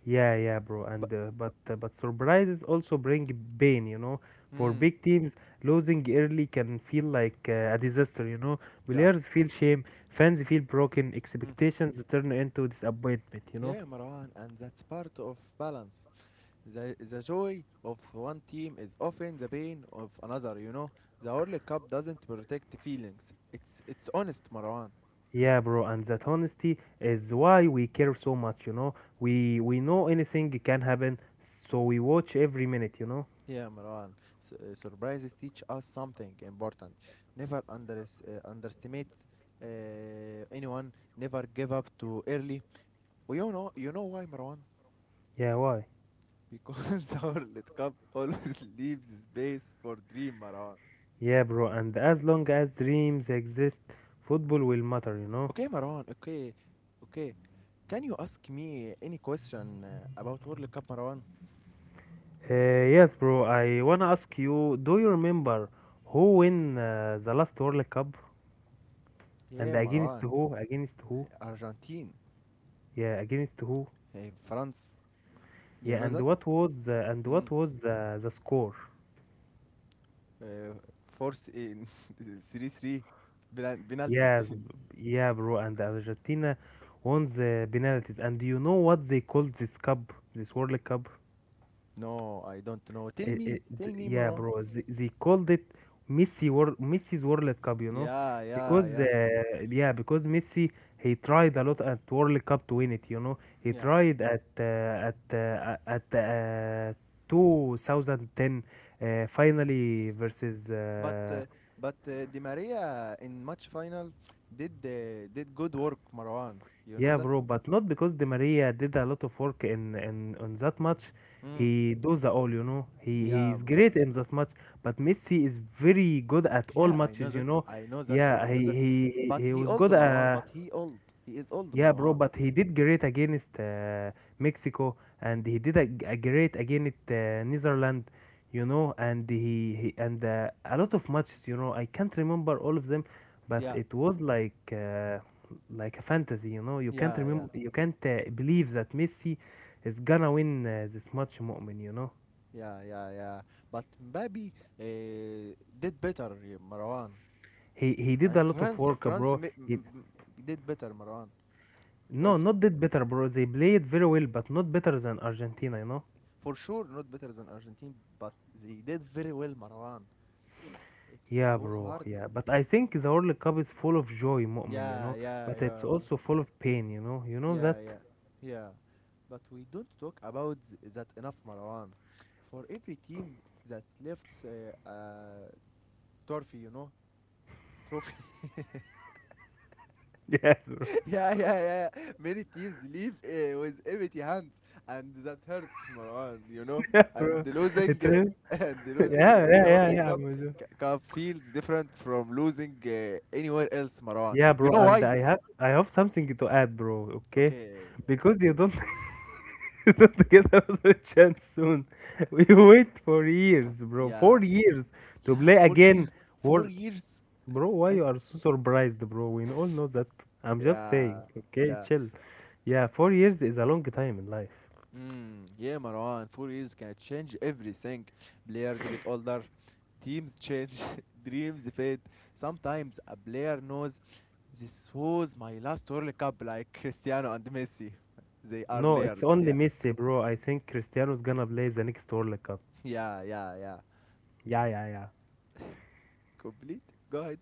S2: Yeah, yeah, bro.
S1: But
S2: And uh, but uh, but surprises also bring pain, you know. For
S1: mm,
S2: big teams, losing early can feel like uh, a disaster, you know.
S1: yeah.
S2: Players feel shame, fans feel broken,
S1: Mm.
S2: expectations turn into disappointment, you know.
S1: Yeah, Marwan, and that's part of balance. The, the joy of one team is often the pain of another, you know. The World Cup doesn't protect feelings. It's it's honest, Marwan.
S2: Yeah, bro, and that honesty is why we care so much, you know. We we know anything can happen, so we watch every minute, you know.
S1: Yeah, Marwan. S- uh, surprises teach us something important. Never unders- uh, underestimate uh, anyone. Never give up too early. Well, you know, you know why, Marwan?
S2: Yeah, why?
S1: Because the World Cup always leaves space for dream, Marwan.
S2: Yeah, bro, and as long as dreams exist, football will matter, you know.
S1: Okay, Maran. Okay, okay. Can you ask me any question uh, about World Cup, Maran?
S2: Uh, yes, bro. I wanna ask you, do you remember who win uh, the last World Cup and
S1: Yeah,
S2: against
S1: Maran.
S2: who? Against who?
S1: Argentine,
S2: Yeah, against who?
S1: eh, France. You
S2: Yeah,
S1: know
S2: and
S1: that?
S2: what was uh, and what
S1: Mm.
S2: was uh, the score?
S1: Uh, Force in three three Penal-
S2: Yes,
S1: penalties.
S2: b- yeah, bro. And Argentina won the penalties. And do you know what they called this cup? This World Cup?
S1: No, I don't know. Tell
S2: It,
S1: me,
S2: it,
S1: tell
S2: th-
S1: me,
S2: yeah,
S1: Maran.
S2: bro. They, they called it Messi World, Messi's World Cup, you know,
S1: Yeah, yeah,
S2: because uh,
S1: yeah,
S2: yeah, because Messi he tried a lot at World Cup to win it, you know. He
S1: yeah.
S2: tried at uh, at uh, at uh, two thousand ten uh, finally versus
S1: But
S2: uh,
S1: uh, but uh, Di Maria in match final did uh, did good work, Marwan. You know
S2: Yeah,
S1: that?
S2: bro, but not because Di Maria did a lot of work in in on that match.
S1: Mm.
S2: He does the all, you know. He
S1: Yeah,
S2: he's great in that match, but Messi is very good at all
S1: yeah, I know
S2: matches, you
S1: that.
S2: know.
S1: I know that.
S2: Yeah,
S1: I
S2: he
S1: know that.
S2: he he
S1: But
S2: he
S1: he
S2: was
S1: old
S2: good.
S1: Marwan,
S2: Uh,
S1: but he old. He is old
S2: yeah, bro,
S1: Marwan.
S2: but he did great against uh, Mexico and he did a, a great against uh, Netherlands, you know, and he, he and uh, a lot of matches, you know. I can't remember all of them, but
S1: Yeah,
S2: it was like uh, like a fantasy, you know. You can't
S1: yeah, yeah,
S2: remember, you can't uh, believe that Messi is gonna win uh, this match, Mu'min, you know.
S1: yeah, yeah, yeah. But Mbappe uh, did better, eh, Marwan.
S2: He he did a
S1: And
S2: lot of
S1: France,
S2: work,
S1: France
S2: bro.
S1: ma-
S2: He,
S1: m- m- did better, Marwan,
S2: no,
S1: also.
S2: not did better, bro. They played very well, but not better than Argentina, you know.
S1: For sure, not better than Argentina, but they did very well, Marwan. It, it
S2: Yeah,
S1: was
S2: bro.
S1: hard.
S2: Yeah, but I think the World Cup is full of joy, Mu'min, you
S1: Yeah,
S2: know,
S1: yeah,
S2: but it's
S1: yeah,
S2: also full of pain, you know. You know
S1: yeah,
S2: that?
S1: yeah, yeah. But we don't talk about th- that enough, Marwan. For every team that lifts a uh, a trophy, you know, trophy.
S2: Yes, bro.
S1: Yeah, yeah, yeah. Many teams leave uh, with empty hands, and that hurts, Marwan. You know,
S2: Yeah,
S1: and
S2: bro. It
S1: losing
S2: is.
S1: uh, and losing
S2: Yeah,
S1: in
S2: yeah,
S1: the World
S2: yeah, yeah.
S1: Cup,
S2: I'm with you.
S1: c- cup feels different from losing uh, anywhere else, Marwan.
S2: Yeah,
S1: You
S2: bro.
S1: know
S2: And
S1: why?
S2: I have I have something to add, bro. Okay,
S1: Okay.
S2: because you don't you don't get another chance soon. We wait for years, bro.
S1: Yeah.
S2: Four years to
S1: Yeah.
S2: play
S1: Four
S2: again.
S1: years.
S2: What,
S1: Four years.
S2: bro. Why
S1: It
S2: you are so surprised, bro? We all know that. I'm just
S1: Yeah,
S2: saying. Okay,
S1: yeah.
S2: chill. Yeah, four years is a long time in life.
S1: Mm, yeah, Marwan, four years can change everything. Players get older, teams change, dreams fade. Sometimes a player knows this was my last World Cup, like Cristiano and Messi. They are
S2: No, it's
S1: layers.
S2: only
S1: Yeah,
S2: Messi, bro. I think Cristiano's gonna play the next World Cup.
S1: yeah, yeah, yeah.
S2: Yeah, yeah, yeah.
S1: Complete. Go ahead.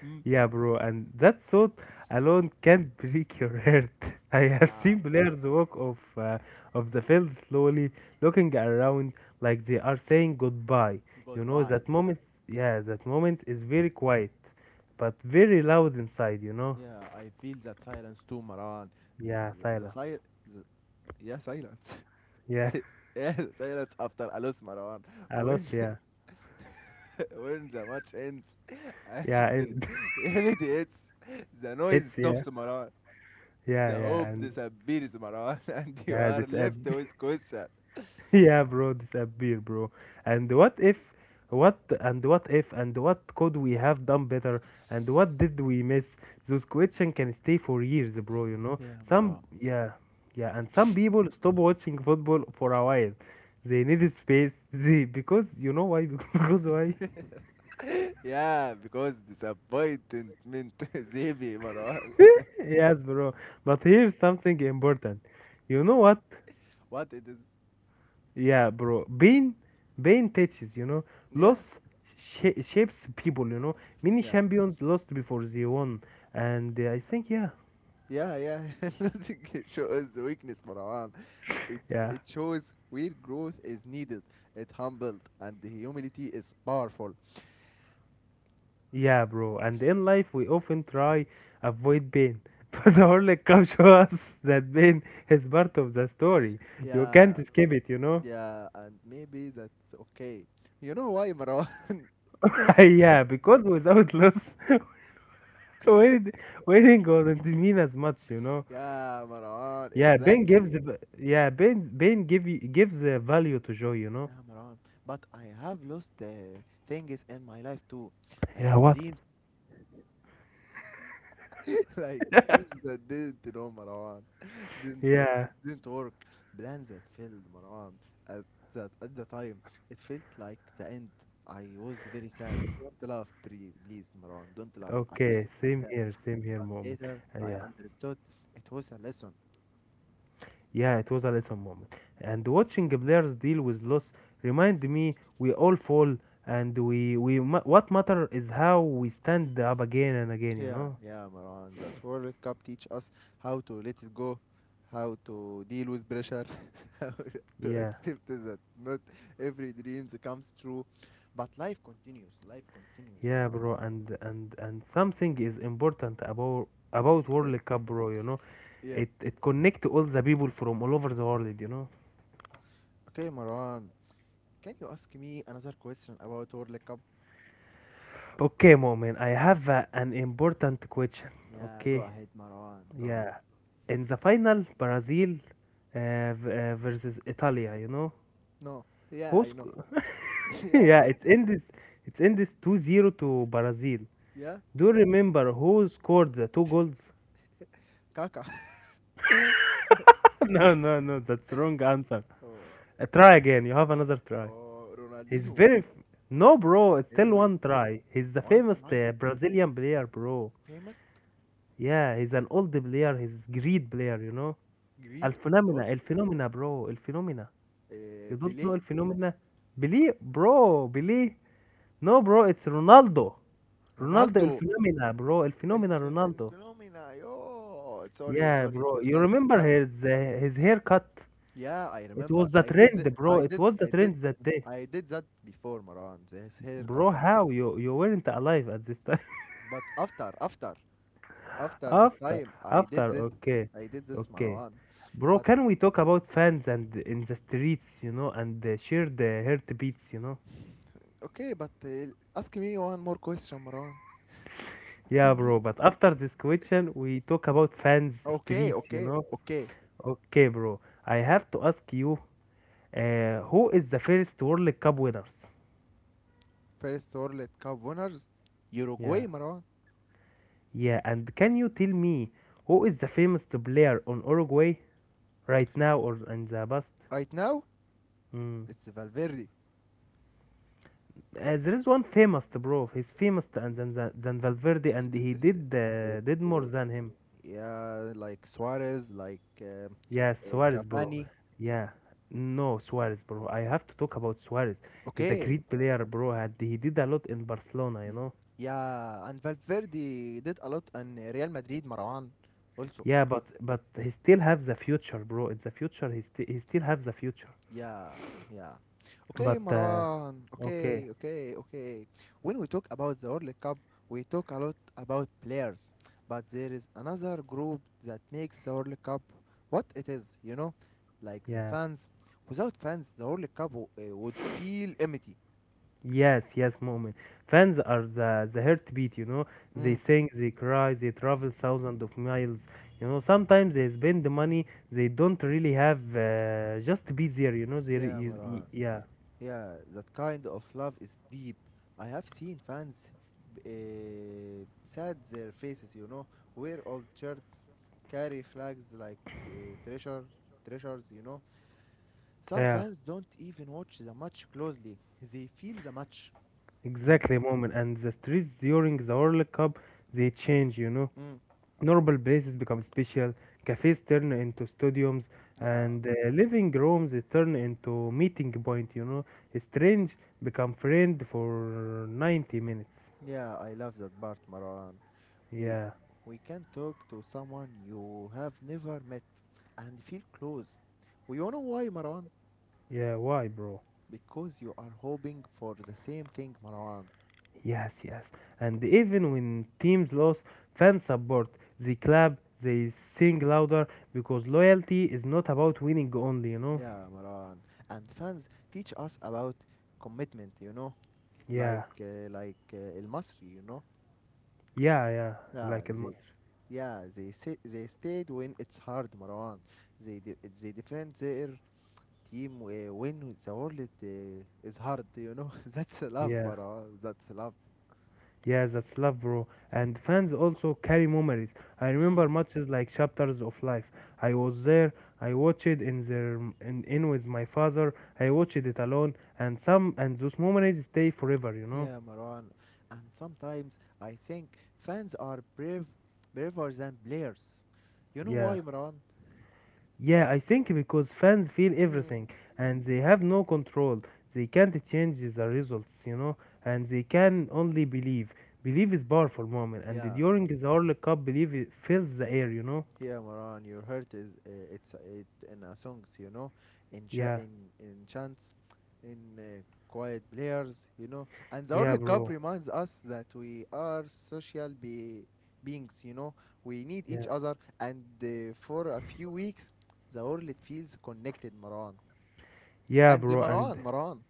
S1: Mm.
S2: Yeah, bro, and that thought alone can break your heart. I have
S1: Yeah,
S2: seen players walk off uh, of the field slowly, looking around like they are saying goodbye. You know,
S1: goodbye.
S2: that moment, yeah, that moment is very quiet, but very loud inside, you know?
S1: Yeah, I feel that silence too, Marwan.
S2: Yeah,
S1: The, the,
S2: silence.
S1: sil- the yeah, silence.
S2: Yeah,
S1: Yeah, silence after a loss, Marwan.
S2: I lost, yeah.
S1: When the match ends and
S2: Yeah,
S1: the
S2: and
S1: reality hits, the
S2: hits,
S1: noise
S2: yeah.
S1: stops Marwan.
S2: Yeah,
S1: The
S2: yeah,
S1: hope
S2: and
S1: disappears Marwan. And you
S2: Yeah,
S1: are
S2: this app.
S1: left with question.
S2: Yeah, bro, this app beer, bro. And what if, what and what if, and what could we have done better? And what did we miss? Those questions can stay for years, bro. You know,
S1: Yeah,
S2: some
S1: Marwan.
S2: yeah, yeah, and some people stop watching football for a while. They need space. They because you know why? Because why?
S1: Yeah, because disappointment is heavy, Marwan.
S2: Yes, bro. But here's something important. You know what?
S1: What it is?
S2: Yeah, bro. Pain, pain teaches, you know.
S1: Yeah,
S2: Loss sh- shapes people, you know. Many
S1: yeah.
S2: champions lost before they won, and uh, I think, yeah,
S1: Yeah, yeah, losing it shows weakness, Marwan. It's
S2: yeah,
S1: it shows where growth is needed. It humbled and humility is powerful.
S2: yeah, bro. And in life, we often try avoid pain, but the Horlick comes to us that pain is part of the story. You can't
S1: Yeah,
S2: escape it, you know.
S1: yeah, and maybe that's okay. You know why, Marwan?
S2: yeah, because without loss, winning winning doesn't mean as much, you know.
S1: Yeah, Marwan,
S2: Yeah, pain gives,
S1: exactly.
S2: v- yeah, pain, pain give you, gives uh, value to joy, you know.
S1: Yeah, Marwan. But I have lost uh, things in my life too, like
S2: Yeah, what?
S1: dreams, like dreams that didn't, you know, Marwan, didn't uh,
S2: Yeah,
S1: didn't work, plans that failed, Marwan. At that at the time, it felt like the end. I was very sad. Don't laugh, please, please, Marwan. Don't laugh. I was
S2: okay, same
S1: sad.
S2: here, same here moment.
S1: Later,
S2: Uh,
S1: I
S2: yeah,
S1: understood it was a lesson.
S2: yeah, it was a lesson moment. And watching players deal with loss remind me we all fall and we we ma what matter is how we stand up again and again, you
S1: Yeah,
S2: know?
S1: yeah, Marwan. That World Cup teach us how to let it go, how to deal with pressure, how to
S2: Yeah,
S1: accept that not every dreams comes true, but life continues. Life continues,
S2: yeah,
S1: Marwan.
S2: bro, and and and something is important about about World Cup, bro, you know?
S1: Yeah.
S2: It it connect all the people from all over the world, you know?
S1: Okay, Marwan. Can you ask me another question about World Cup?
S2: Okay, moment, I have uh, an important question.
S1: Yeah, go
S2: Okay.
S1: ahead, Marwan. Go
S2: Yeah.
S1: ahead.
S2: In the final Brazil uh, v- uh, versus Italia, you know.
S1: No. Yeah,
S2: Who
S1: I know.
S2: sc-
S1: Yeah,
S2: yeah, it's in this it's in this two zero to Brazil.
S1: yeah.
S2: Do you remember who scored the two goals?
S1: Kaka.
S2: no, no, no, that's wrong answer.
S1: Oh,
S2: Uh, try again. You have another try.
S1: oh,
S2: He's
S1: Ronaldinho.
S2: very f- No, bro, it's still
S1: Anyway,
S2: one try. He's the
S1: one
S2: famous
S1: try,
S2: uh, Brazilian player, bro.
S1: famous,
S2: Yeah, he's an old player. He's great player, you know. El
S1: great, and old.
S2: Phenomena, El Phenomena, bro. El Phenomena.
S1: Uh,
S2: You don't know
S1: Pelé
S2: El Phenomena? Believe, bro, believe. No, bro, it's Ronaldo. Ronaldo El
S1: Ronaldo,
S2: Phenomena, bro. El
S1: el,
S2: Phenomena
S1: phe- el
S2: Ronaldo.
S1: phenomena. Yo, sorry,
S2: Yeah,
S1: sorry
S2: bro.
S1: for
S2: You
S1: that.
S2: remember
S1: But
S2: his uh, his haircut?
S1: yeah, I
S2: It
S1: remember.
S2: was the
S1: I did, the,
S2: trend, bro.
S1: I
S2: It
S1: did,
S2: was the
S1: I did,
S2: trend that day.
S1: I did that before Maran. This haircut.
S2: Bro, how you you weren't alive at this time?
S1: But after, after, after this
S2: After,
S1: time, I did
S2: after,
S1: it.
S2: okay,
S1: I did this
S2: okay.
S1: Maran.
S2: Bro,
S1: But
S2: can we talk about fans and in the streets, you know, and uh, shared uh, heartbeats, you know?
S1: okay, but uh, ask me one more question, Maran.
S2: Yeah, bro,
S1: Please.
S2: but after this question, we talk about fans
S1: Okay,
S2: streets, you
S1: okay,
S2: know?
S1: okay.
S2: Okay, bro. I have to ask you, uh, who is the first World Cup winners?
S1: First World Cup winners,
S2: Yeah.
S1: Uruguay, Maran.
S2: Yeah, and can you tell me who is the famous player on Uruguay right now or in the past?
S1: Right now,
S2: Mm.
S1: it's Valverde.
S2: Uh, there is one famous, bro. He's famous than, than, than than Valverde, and
S1: It's,
S2: he
S1: uh,
S2: did
S1: uh,
S2: uh, did more
S1: uh,
S2: than him.
S1: Yeah, like Suarez, like uh,
S2: Yes,
S1: uh,
S2: Suarez, bro.
S1: Cavani.
S2: Yeah. No, Suarez, bro. I have to talk about Suarez. He's a
S1: Okay.
S2: great player, bro. And he did a lot in Barcelona, you
S1: Mm.
S2: know.
S1: Yeah, and Valverde did a lot, and Real Madrid, Marwan also.
S2: Yeah, but but he still has the future, bro. It's the future. He, still he still has the future.
S1: Yeah, yeah. Okay,
S2: But uh,
S1: Marwan.
S2: okay,
S1: Okay, okay, okay. When we talk about the World Cup, we talk a lot about players, but there is another group that makes the World Cup what it is, you know, like the
S2: yeah.
S1: fans. Without fans, the World Cup w- uh, would feel empty.
S2: Yes, yes, moment. Fans are the the heartbeat, you know. They
S1: Mm.
S2: sing, they cry, they travel thousands of miles. You know, sometimes they spend the money they don't really have uh, just to be there, you know. They, re-
S1: Yeah,
S2: you, y-
S1: Marwan.
S2: yeah,
S1: Yeah, that kind of love is deep. I have seen fans uh, sad their faces, you know, wear old shirts, carry flags like t- treasure, treasures, you know. Some
S2: yeah.
S1: fans don't even watch the match closely. They feel the match. Mm.
S2: Exactly, moment. And the streets during the World Cup, they change, you know.
S1: Mm,
S2: Normal places become special, cafes turn into stadiums,
S1: yeah,
S2: and uh, living rooms they turn into meeting point, you know. Strange become friend for ninety minutes.
S1: yeah, I love that part, Maran. We
S2: Yeah,
S1: we can talk to someone you have never met and feel close. You know why, Maran?
S2: yeah, why, bro?
S1: Because you are hoping for the same thing, Marwan.
S2: Yes, yes. And even when teams lose, fans support. They clap, they sing louder, because loyalty is not about winning only, you know.
S1: Yeah, Marwan. And fans teach us about commitment, you know, like
S2: Yeah,
S1: uh, like uh, El Masri, you know.
S2: yeah, yeah.
S1: Yeah,
S2: Like it.
S1: they yeah, they say, they stayed when it's hard, Marwan. They de- they defend their team uh, when the world uh, is hard, you know. That's love,
S2: Yeah,
S1: Marwan. That's love.
S2: yeah, that's love, bro. And fans also carry memories. I
S1: Mm.
S2: remember matches like chapters of life. I was there. I watched it in there in, in with my father. I watched it alone, and some and those memories stay forever. You know.
S1: Yeah, Maran. And sometimes I think fans are brave, braver than players. You know
S2: Yeah,
S1: why, Maran?
S2: yeah. I think because fans feel
S1: Mm,
S2: everything, and they have no control. They can't change the results. You know, and they can only believe. Believe is powerful moment, and
S1: yeah,
S2: during the World Cup, believe it fills the air. You know.
S1: yeah, Maran. Your heart is uh, it's it in a songs, you know, in cha-
S2: Yeah,
S1: in in chants, in uh, quiet players, you know. And the
S2: yeah,
S1: World Cup
S2: bro.
S1: reminds us that we are social be- beings, you know. We need
S2: Yeah.
S1: each other, and uh, for a few weeks, the world feels connected, Maran.
S2: Yeah,
S1: And
S2: bro, and
S1: Maran, Maran.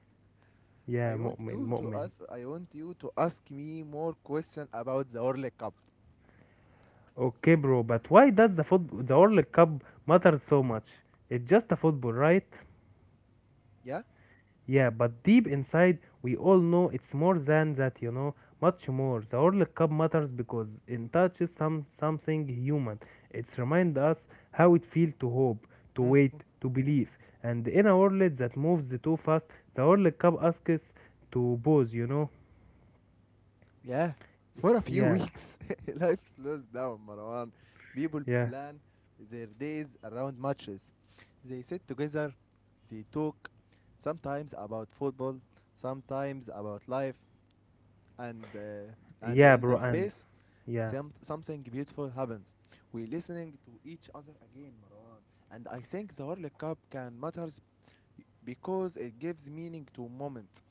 S2: yeah,
S1: I want
S2: mu'min,
S1: to to
S2: mu'min.
S1: ask. I want you to ask me more questions about the World Cup.
S2: Okay, bro, but why does the football, the World Cup matter so much? It's just a football, right?
S1: Yeah,
S2: Yeah, but deep inside, we all know it's more than that, you know, much more. The World Cup matters because it touches some something human. It's remind us how it feels to hope, to
S1: mm, mm,
S2: wait, to believe. And in a world that moves too fast, the World Cup asks us to pause, you know?
S1: yeah. For a few
S2: Yeah,
S1: weeks, life slows down, Marwan. People
S2: yeah,
S1: plan their days around matches. They sit together, they talk, sometimes about football, sometimes about life, and uh, and
S2: yeah,
S1: in
S2: bro,
S1: the
S2: and
S1: space,
S2: yeah.
S1: some, something beautiful happens. We listening to each other again, Marwan. And I think the World Cup can matter because it gives meaning to moment.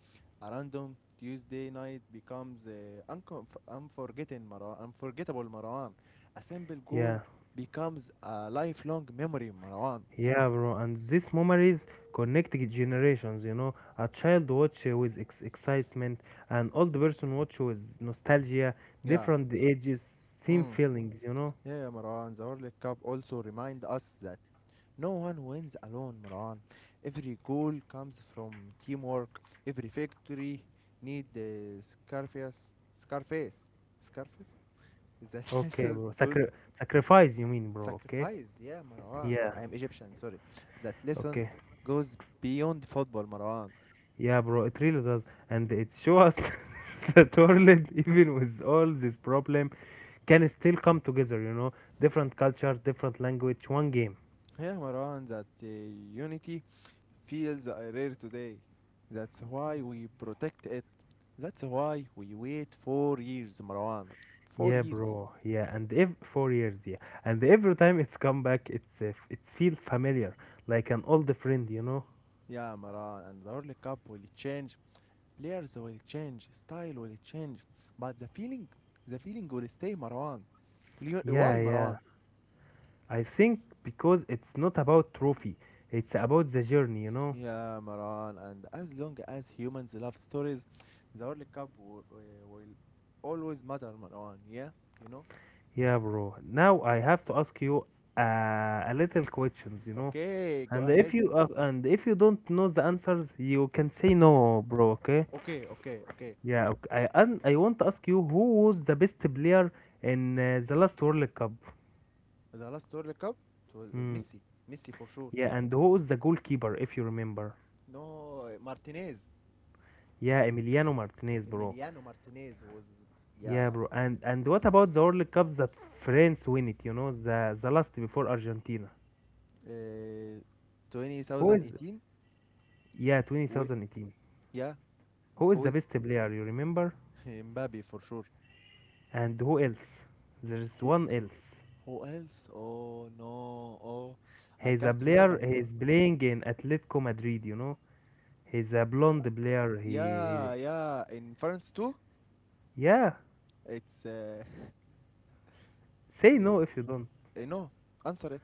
S1: A random Tuesday night becomes uh, unconf- unforgettable, Marwan, unforgettable Marwan. A simple goal
S2: Yeah,
S1: becomes a lifelong memory, Marwan.
S2: yeah, bro. And these memories connect g- generations, you know. A child watch uh, with ex- excitement, an old person watch with nostalgia,
S1: Yeah.
S2: different ages, same
S1: Mm.
S2: feelings, you know.
S1: Yeah, Marwan. The World Cup also remind us that no one wins alone, Marwan. Every goal comes from teamwork. Every victory need the Scarface. Scarface. Scarface? Is that
S2: Okay,
S1: so
S2: bro.
S1: goes
S2: Sacri- sacrifice, you mean, bro? Okay.
S1: Sacrifice, yeah, Marwan.
S2: Yeah.
S1: I am Egyptian, sorry. That lesson
S2: Okay.
S1: goes beyond football, Marwan.
S2: Yeah, bro. It really does, and it shows us that world, even with all this problem, can still come together, you know. Different culture, different language, one game.
S1: Yeah, Marwan, that uh, unity feels uh, rare today. That's why we protect it. That's why we wait four years, Marwan. Four
S2: Yeah,
S1: years.
S2: bro. Yeah, and if four years, yeah, and every time it's come back, it's uh, f- it's feel familiar, like an old friend, you know.
S1: Yeah, Marwan. And the World Cup will change. Players will change. Style will change. But the feeling, the feeling will stay, Marwan. Leo-
S2: Yeah,
S1: Why,
S2: yeah.
S1: Marwan?
S2: I think because it's not about trophy, it's about the journey, you know.
S1: Yeah, Maran, and as long as humans love stories, the World Cup w- w- will always matter, Maran. Yeah, you know.
S2: Yeah, bro. Now I have to ask you uh, a little questions, you know.
S1: Okay, go
S2: And if
S1: ahead.
S2: you uh, and if you don't know the answers, you can say no, bro. Okay?
S1: Okay, okay, okay.
S2: Yeah. Okay. I and I want to ask you who was the best player in uh, the last World Cup?
S1: The last World Cup, it was uh,
S2: Hmm.
S1: Messi, Messi for sure.
S2: Yeah, and who is the goalkeeper if you remember?
S1: No, uh, Martinez,
S2: Yeah, Emiliano Martinez, bro.
S1: Emiliano Martinez was,
S2: Yeah,
S1: yeah,
S2: bro. And and what about the World Cup that France win it? You know, the the last before Argentina.
S1: uh,
S2: Who is?
S1: twenty eighteen
S2: Yeah,
S1: win.
S2: two thousand eighteen.
S1: Yeah,
S2: Who is
S1: who
S2: the
S1: is,
S2: best player? You remember?
S1: Mbappe for sure?
S2: And who else? There's
S1: Who
S2: one else.
S1: who else? Oh no, oh, I
S2: He's a
S1: can't
S2: player.
S1: remember, Maran.
S2: He's playing in Atletico Madrid. You know, he's a blonde player. He,
S1: Yeah,
S2: he
S1: yeah. In France too,
S2: yeah.
S1: it's uh,
S2: Say
S1: uh,
S2: no if you don't.
S1: uh, no. Answer it,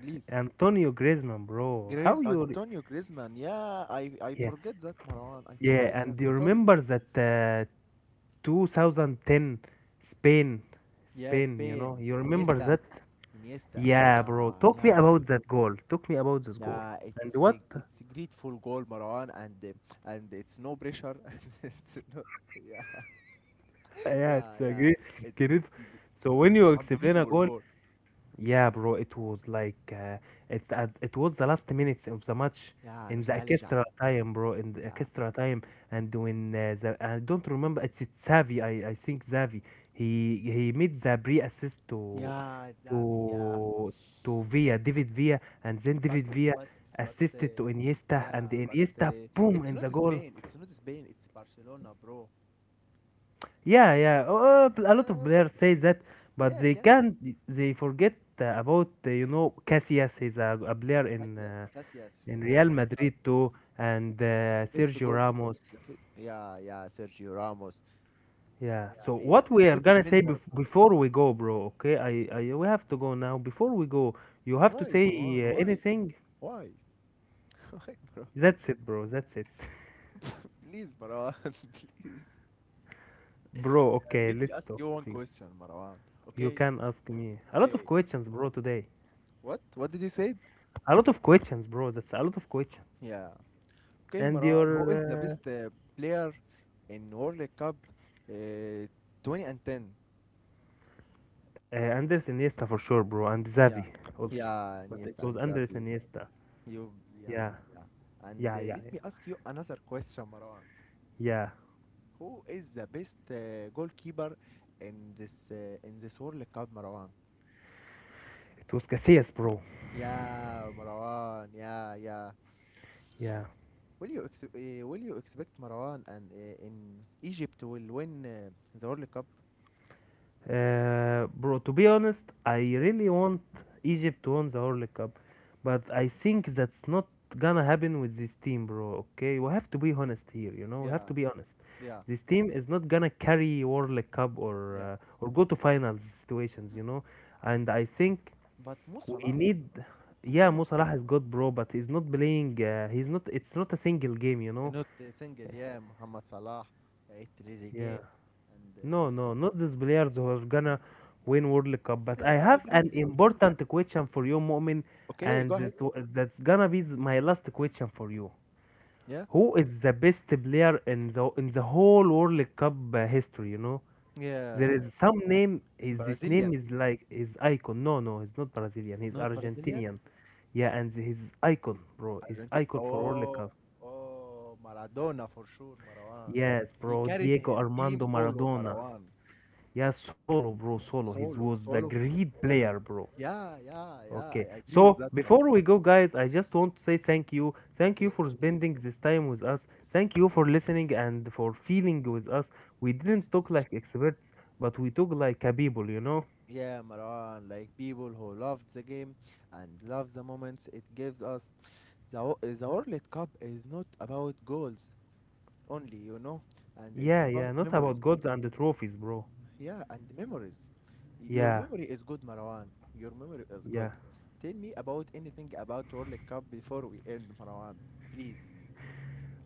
S1: please.
S2: Antonio Griezmann, bro. How
S1: Griez
S2: you? re-
S1: Antonio Griezmann. Yeah, I I
S2: Yeah,
S1: forget that, Marwan. I forget
S2: yeah. And
S1: that.
S2: do you
S1: Sorry.
S2: remember that uh, two thousand ten Spain
S1: Yeah,
S2: Spain you
S1: Spain.
S2: know you remember
S1: Iniesta.
S2: that
S1: Iniesta.
S2: yeah bro
S1: Yeah,
S2: talk me
S1: yeah,
S2: about that goal talk me about this goal
S1: yeah.
S2: and
S1: It's a,
S2: what
S1: it's a grateful goal, Marwan, and uh, and it's no pressure. And it's no. Yeah,
S2: yeah
S1: yeah,
S2: it's a
S1: yeah.
S2: great
S1: It's
S2: great.
S1: it's a gr-
S2: So when
S1: it's
S2: you explain a
S1: unbelievable
S2: goal.
S1: goal.
S2: Yeah, bro, it was like uh, it's at, it was the last minutes of the match
S1: Yeah,
S2: in the
S1: nostalgia.
S2: extra time, bro, in the
S1: Yeah,
S2: extra time, and when uh, the I don't remember it's, it's Xavi, I, I think Xavi, he he made the pre-assist to
S1: yeah, Davi. Yeah.
S2: to to Villa, David Villa, and then
S1: but
S2: David Villa
S1: but but
S2: assisted to
S1: uh,
S2: Iniesta, and
S1: yeah, but
S2: Iniesta,
S1: uh,
S2: boom,
S1: it's
S2: in the
S1: not
S2: goal.
S1: Spain, it's not Spain, it's Barcelona, bro.
S2: Yeah, yeah. Uh, a lot of
S1: uh,
S2: players say that, but
S1: yeah,
S2: they
S1: yeah,
S2: can't. They forget uh, about uh, you know Casillas. He's a, a player in uh,
S1: Casillas, Casillas,
S2: in
S1: who- oh
S2: Real
S1: my god,
S2: Madrid too, and uh,
S1: the best
S2: Sergio
S1: goal for
S2: Ramos.
S1: the fit. Yeah, yeah, Sergio Ramos.
S2: Yeah.
S1: Yeah,
S2: So
S1: he is
S2: what
S1: a
S2: we are
S1: good
S2: gonna say
S1: defender,
S2: bef-
S1: bro.
S2: before we go, bro? Okay, I, I we have to go now. Before we go, you have to
S1: Why,
S2: say
S1: Marwan,
S2: uh,
S1: why
S2: anything.
S1: why why, bro?
S2: That's it, bro. That's it,
S1: Please, Marwan. Please.
S2: bro.
S1: Uh,
S2: Okay,
S1: let me
S2: let's
S1: ask
S2: talk.
S1: you
S2: L-
S1: one question, Marwan.
S2: You
S1: Okay,
S2: can ask me a lot of
S1: okay.
S2: questions, bro. Today,
S1: what what did you say?
S2: a lot of questions, bro. That's a lot of questions.
S1: Yeah. Okay,
S2: And
S1: Maran, who is the
S2: your uh,
S1: best uh, player in World Cup uh, twenty ten?
S2: Uh, Anders Iniesta for sure, bro, and Xavi
S1: Yeah,
S2: also.
S1: yeah,
S2: But it
S1: Iniesta
S2: was
S1: and
S2: Andres
S1: Xavi.
S2: Iniesta.
S1: You, yeah,
S2: Yeah,
S1: yeah. And uh,
S2: yeah, yeah,
S1: let
S2: yeah.
S1: me ask you another question, Maran.
S2: Yeah,
S1: Who is the best uh, goalkeeper in this uh, in this World Cup, Marwan?
S2: it was Casillas, bro.
S1: Yeah, Marwan. Yeah, yeah.
S2: Yeah,
S1: Will you ex- uh, will you expect Marwan, and uh, in Egypt will win uh, the World Cup?
S2: uh, bro. To be honest, I
S1: Yeah,
S2: really want Egypt to win the World Cup, but I think that's not gonna happen with this team, bro. Okay, we have to be honest here. You know, we have
S1: yeah,
S2: to be honest.
S1: yeah,
S2: This team is not gonna carry World Cup or
S1: yeah.
S2: uh, or go to finals situations. You know, and I think
S1: But Mo
S2: we
S1: Salah,
S2: need, yeah,
S1: Mohamed.
S2: Mo Salah
S1: Salah,
S2: is good, bro, but he's not playing. Uh, he's not. It's not a single game, you
S1: they
S2: know.
S1: not uh, single, yeah, Mohamed Salah, uh,
S2: Yeah.
S1: Trezeguet, and uh,
S2: No, no, not these players who are gonna win World Cup. But
S1: yeah,
S2: I
S1: I
S2: have
S1: agree
S2: an
S1: with it.
S2: important question for you, Mu'min,
S1: Okay, go
S2: and
S1: ahead.
S2: that w- that's gonna be th- my last question for you.
S1: Yeah,
S2: Who is the best player in the in the whole World Cup uh, history? You know? There
S1: yeah,
S2: is some name. Is this name
S1: Brazilian,
S2: is like his icon? No, no, he's not Brazilian. He's
S1: not Brazilian,
S2: Argentinian. Yeah, and his icon, bro, his
S1: Argentine.
S2: icon for World
S1: Oh,
S2: Cup.
S1: oh, Maradona for sure, Marwan.
S2: Yes,
S1: He
S2: bro,
S1: carried
S2: Diego
S1: his team
S2: Armando
S1: solo,
S2: Maradona.
S1: Marwan.
S2: Yeah, solo, bro, solo. He was
S1: Solo,
S2: the
S1: solo
S2: great
S1: في
S2: player,
S1: eleven.
S2: bro.
S1: Yeah, yeah, yeah,
S2: Okay,
S1: I agree with
S2: so
S1: that, Marwan.
S2: before we go, guys, I just want to say thank you. Thank
S1: Okay,
S2: you for
S1: thank you.
S2: spending this time with us. Thank you for listening and for feeling with us. We didn't talk like experts, but we talk like a people, you know.
S1: Yeah, Marwan, like people who loved the game and love the moments it gives us. The, wo- the World Cup is not about goals only, you know, and it's
S2: Yeah, yeah,
S1: about
S2: not about
S1: memories.
S2: gods and the trophies, bro.
S1: Yeah, and memories. Your
S2: Yeah,
S1: memory is good, Marwan. Your memory is
S2: yeah.
S1: good. Tell me about anything about World Cup before we end, Marwan. Please,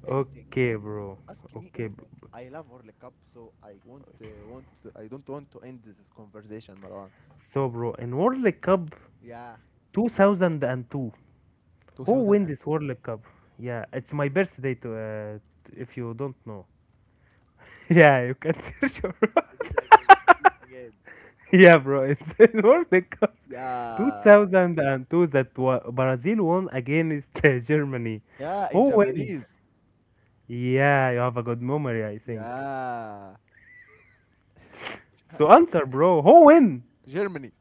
S1: anything,
S2: Okay,
S1: anything.
S2: bro.
S1: Ask me
S2: Okay.
S1: anything.
S2: b-
S1: I love World Cup, so I won't uh, want. I don't want to end this conversation, Marwan.
S2: So, bro, in World Cup
S1: Yeah,
S2: two thousand two, who wins this
S1: two thousand two.
S2: World Cup? Yeah, it's my birthday to uh, t- if you don't know. Yeah, you can search your
S1: Repeat again. Repeat again.
S2: Yeah, bro, it's in World Cup
S1: Yeah.
S2: two thousand two that wa- Brazil won against uh, Germany.
S1: Yeah, in
S2: Who wins?
S1: Japanese.
S2: Yeah, you have a good memory, I think.
S1: Yeah.
S2: So answer, bro. Who win?
S1: Germany.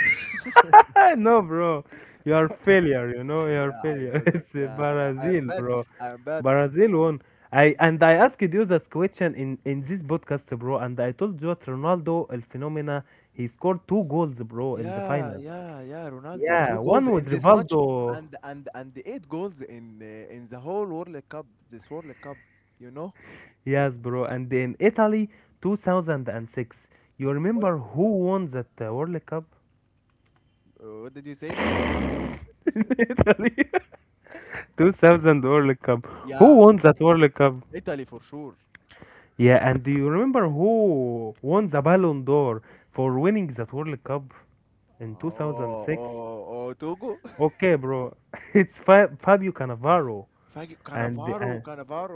S2: No, bro. You are failure, you know, you are
S1: Yeah, I
S2: failure.
S1: know that.
S2: It's uh,
S1: Yeah, yeah. I'm
S2: Brazil,
S1: bad.
S2: bro.
S1: I'm bad.
S2: Brazil won. I
S1: Mm.
S2: and I asked you that question in in this podcast, bro, and I told you that Ronaldo, El Phenomena, he scored two goals, bro, in the
S1: Yeah,
S2: final.
S1: yeah, yeah. Ronaldo,
S2: Yeah,
S1: two goals
S2: one was
S1: in this match,
S2: Rivaldo.
S1: and and and eight goals in uh, in the whole World Cup. This World Cup, you know
S2: Yes, bro. And in Italy, two thousand six. You
S1: what?
S2: remember who won that uh, World Cup?
S1: Uh, what did you say?
S2: In Italy. two thousand World Cup. Who
S1: Yeah,
S2: won that World Cup?
S1: Italy for sure.
S2: Yeah, and do you remember who won the Ballon d'Or for winning that World Cup in
S1: Oh,
S2: two thousand six?
S1: oh, oh, Togo.
S2: Okay, bro, it's Fa Fabio Cannavaro,
S1: Fag-
S2: and
S1: Cannavaro,
S2: uh,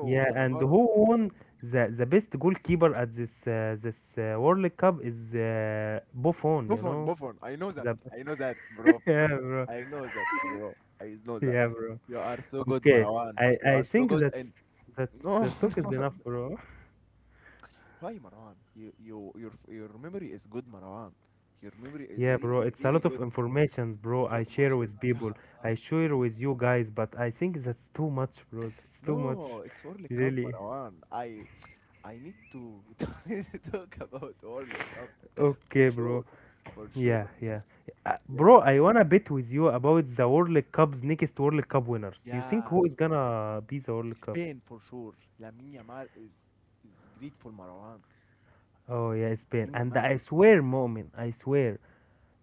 S2: yeah, and
S1: Cannavaro.
S2: who won the the best goalkeeper at this uh, this uh, World Cup is uh, Buffon, you
S1: Buffon,
S2: know?
S1: Buffon. I know that.
S2: The
S1: I know that, bro.
S2: yeah, bro,
S1: I know that, bro. I know that.
S2: yeah, bro.
S1: You are so good,
S2: Okay,
S1: Marwan.
S2: I
S1: You
S2: I
S1: are so
S2: think
S1: good.
S2: that's
S1: And
S2: that
S1: no,
S2: that talk is
S1: no.
S2: enough, bro.
S1: Why, Marwan? You, you, your, your memory is good, Marwan. Your memory is
S2: Yeah,
S1: really,
S2: bro, it's a
S1: really
S2: lot of
S1: good.
S2: information, bro. I
S1: You,
S2: share
S1: Masha,
S2: with people.
S1: mashallah.
S2: I
S1: Yeah.
S2: share with you guys, but I think that's too much, bro. That's too much,
S1: No, it's World Cup,
S2: really.
S1: Marwan. I, I need to talk about World Cup for
S2: Okay, bro.
S1: sure, for sure.
S2: Yeah, yeah. Uh,
S1: Yeah,
S2: bro, I wanna bet with you about the World Cup's next World Cup winners. You think
S1: yeah.
S2: who is gonna be the World Cup?
S1: Spain for sure. Lamine Yamal is is great for Marwan.
S2: Oh yeah, Spain.
S1: Lamine
S2: And
S1: Yamal.
S2: I swear, Mo'min, I swear,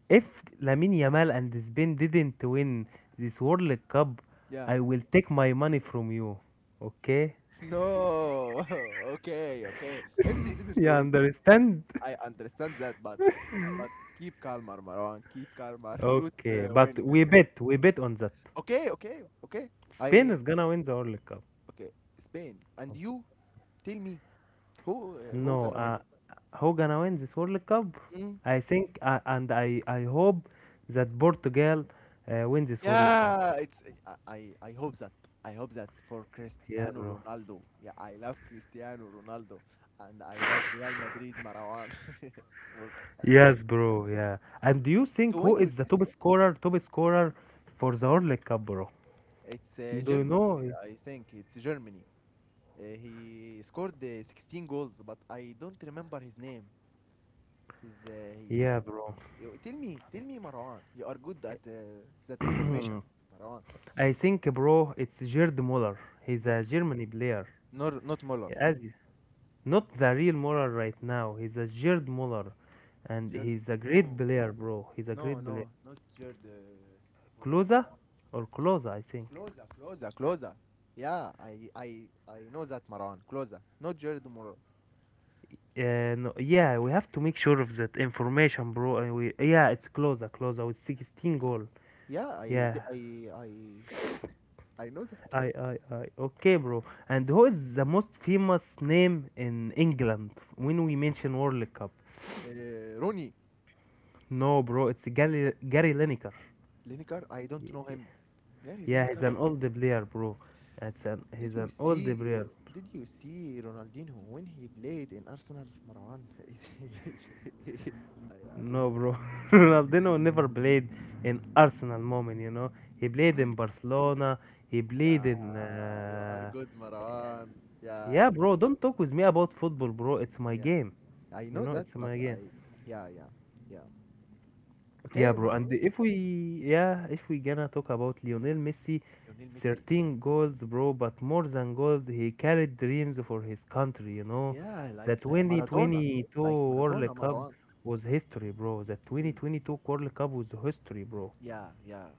S2: if Lamine Yamal and Spain didn't win this World Cup,
S1: Yeah.
S2: I will take my money from you. Okay?
S1: No. Okay. Okay. If they didn't
S2: You
S1: win,
S2: understand?
S1: I understand that, but but keep calmer, Marwan. Keep calmer. Fruits
S2: Okay,
S1: uh,
S2: but
S1: win.
S2: we bet, we bet on that.
S1: Okay. Okay. Okay.
S2: Spain
S1: I
S2: is gonna win the World Cup.
S1: okay. Spain and you. Tell me who uh, who
S2: No,
S1: gonna win?
S2: uh, who gonna win this World Cup?
S1: Mm.
S2: I think, uh, and I, I hope that Portugal uh, wins this World Cup.
S1: Yeah, it's I I I hope that I hope that for
S2: Yeah,
S1: Cristiano
S2: bro.
S1: Ronaldo. Yeah, I love Cristiano Ronaldo and I love Real Madrid, Marwan, for, uh,
S2: Yes, bro. Yeah. And do you think
S1: to
S2: who
S1: win
S2: is
S1: with
S2: the top
S1: Messi.
S2: scorer, top scorer for the World Cup, bro?
S1: It's uh,
S2: You do you
S1: Germany,
S2: know?
S1: I think. It's Germany. Uh, he scored uh, sixteen goals, but I don't remember his name. He's uh, he is.
S2: Yeah, bro.
S1: Yo, tell me, tell me, Marwan. You are good at uh, that information, Marwan.
S2: I think, bro, it's Gerd Muller. He's
S1: Mo-
S2: a Germany player.
S1: not not Muller.
S2: As Not the real Muller right now. He's a Jared Muller, and
S1: Gerard.
S2: he's a great
S1: No.
S2: player, bro. He's a
S1: No,
S2: great player.
S1: no, not your the Muller
S2: Closer
S1: Maran.
S2: or Closer, I think.
S1: Closer, closer, closer. Yeah, I I I know that, Maran. Closer, not Jared Muller.
S2: Yeah, no, yeah, we have to make sure of that information, bro. And we, yeah, it's Closer, Closer with sixteen goal.
S1: Yeah, I
S2: Yeah,
S1: d- I I I know that.
S2: I, I, I. Okay, bro. And who is the most famous name in England when we mention World Cup?
S1: Uh, Rooney.
S2: No, bro, it's Gary, Gary Lineker.
S1: Lineker, I don't know him. Gary
S2: Yeah, he's
S1: Lineker.
S2: an old player, bro. It's an,
S1: Did
S2: he's
S1: you
S2: an old
S1: see?
S2: player.
S1: Did you see Ronaldinho when he played in Arsenal? Maran is is
S2: No,
S1: is
S2: bro. Ronaldinho never played in Arsenal moment, you know. He played
S1: why
S2: in
S1: is.
S2: Barcelona. He played in.
S1: Yeah, you are
S2: Uh.
S1: good, Maran. Yeah,
S2: Yeah, bro. Don't talk with me about football, bro. It's my
S1: yeah.
S2: game.
S1: I
S2: You
S1: know
S2: know,
S1: that,
S2: it's
S1: but
S2: my game.
S1: I, yeah, yeah, yeah.
S2: Yeah,
S1: Okay,
S2: bro.
S1: Mar-
S2: And if we, yeah, if we gonna talk about Lionel Messi,
S1: Lionel Messi.
S2: thirteen goals, bro. But more than goals, he carried dreams for his country. You know,
S1: Yeah,
S2: the
S1: like like Maradona,
S2: twenty twenty-two
S1: like
S2: World
S1: Maradona,
S2: Cup
S1: Marwan.
S2: was history, bro. The
S1: Mm.
S2: twenty twenty-two World Cup was history, bro.
S1: Yeah, yeah.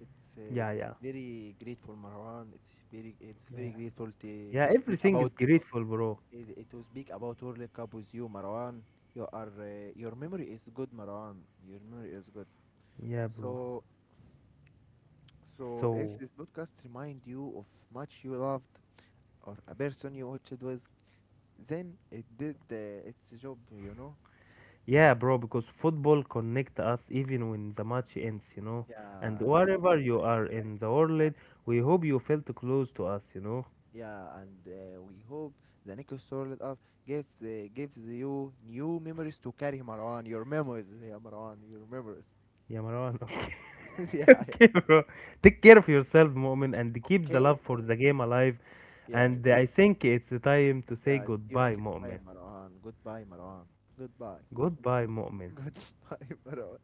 S1: It's uh,
S2: Yeah,
S1: it's
S2: yeah,
S1: very grateful, Marwan. It's very it's very
S2: yeah,
S1: grateful to
S2: yeah.
S1: to speak
S2: Everything
S1: about
S2: is grateful, bro.
S1: eh, to speak about World Cup with you, Marwan. You are uh, your memory is good, Marwan. Your memory is good.
S2: Yeah, bro.
S1: So so if
S2: So,
S1: this podcast remind you of much you loved or a person you watched with, then it did uh, its job, you know.
S2: yeah, bro, because football connect us even when the match ends, you know. And
S1: Yeah, like,
S2: wherever you
S1: like,
S2: are in the
S1: yeah,
S2: world, we hope you felt close to us, you know.
S1: yeah. And uh, we hope the next Sword Up gives uh, gives you new memories to carry, Marwan. Your memories, yeah, Marwan. Your memories.
S2: Yeah, Marwan.
S1: Yeah.
S2: Okay,
S1: Yeah.
S2: okay, bro. Take care of yourself, moment, and keep the
S1: Okay.
S2: love for the game alive.
S1: Yeah.
S2: And I think it's time to say
S1: Yeah. See you
S2: goodbye,
S1: next time,
S2: moment.
S1: Marwan. Goodbye, Marwan. Goodbye.
S2: Goodbye, moment.
S1: Goodbye, Marwan.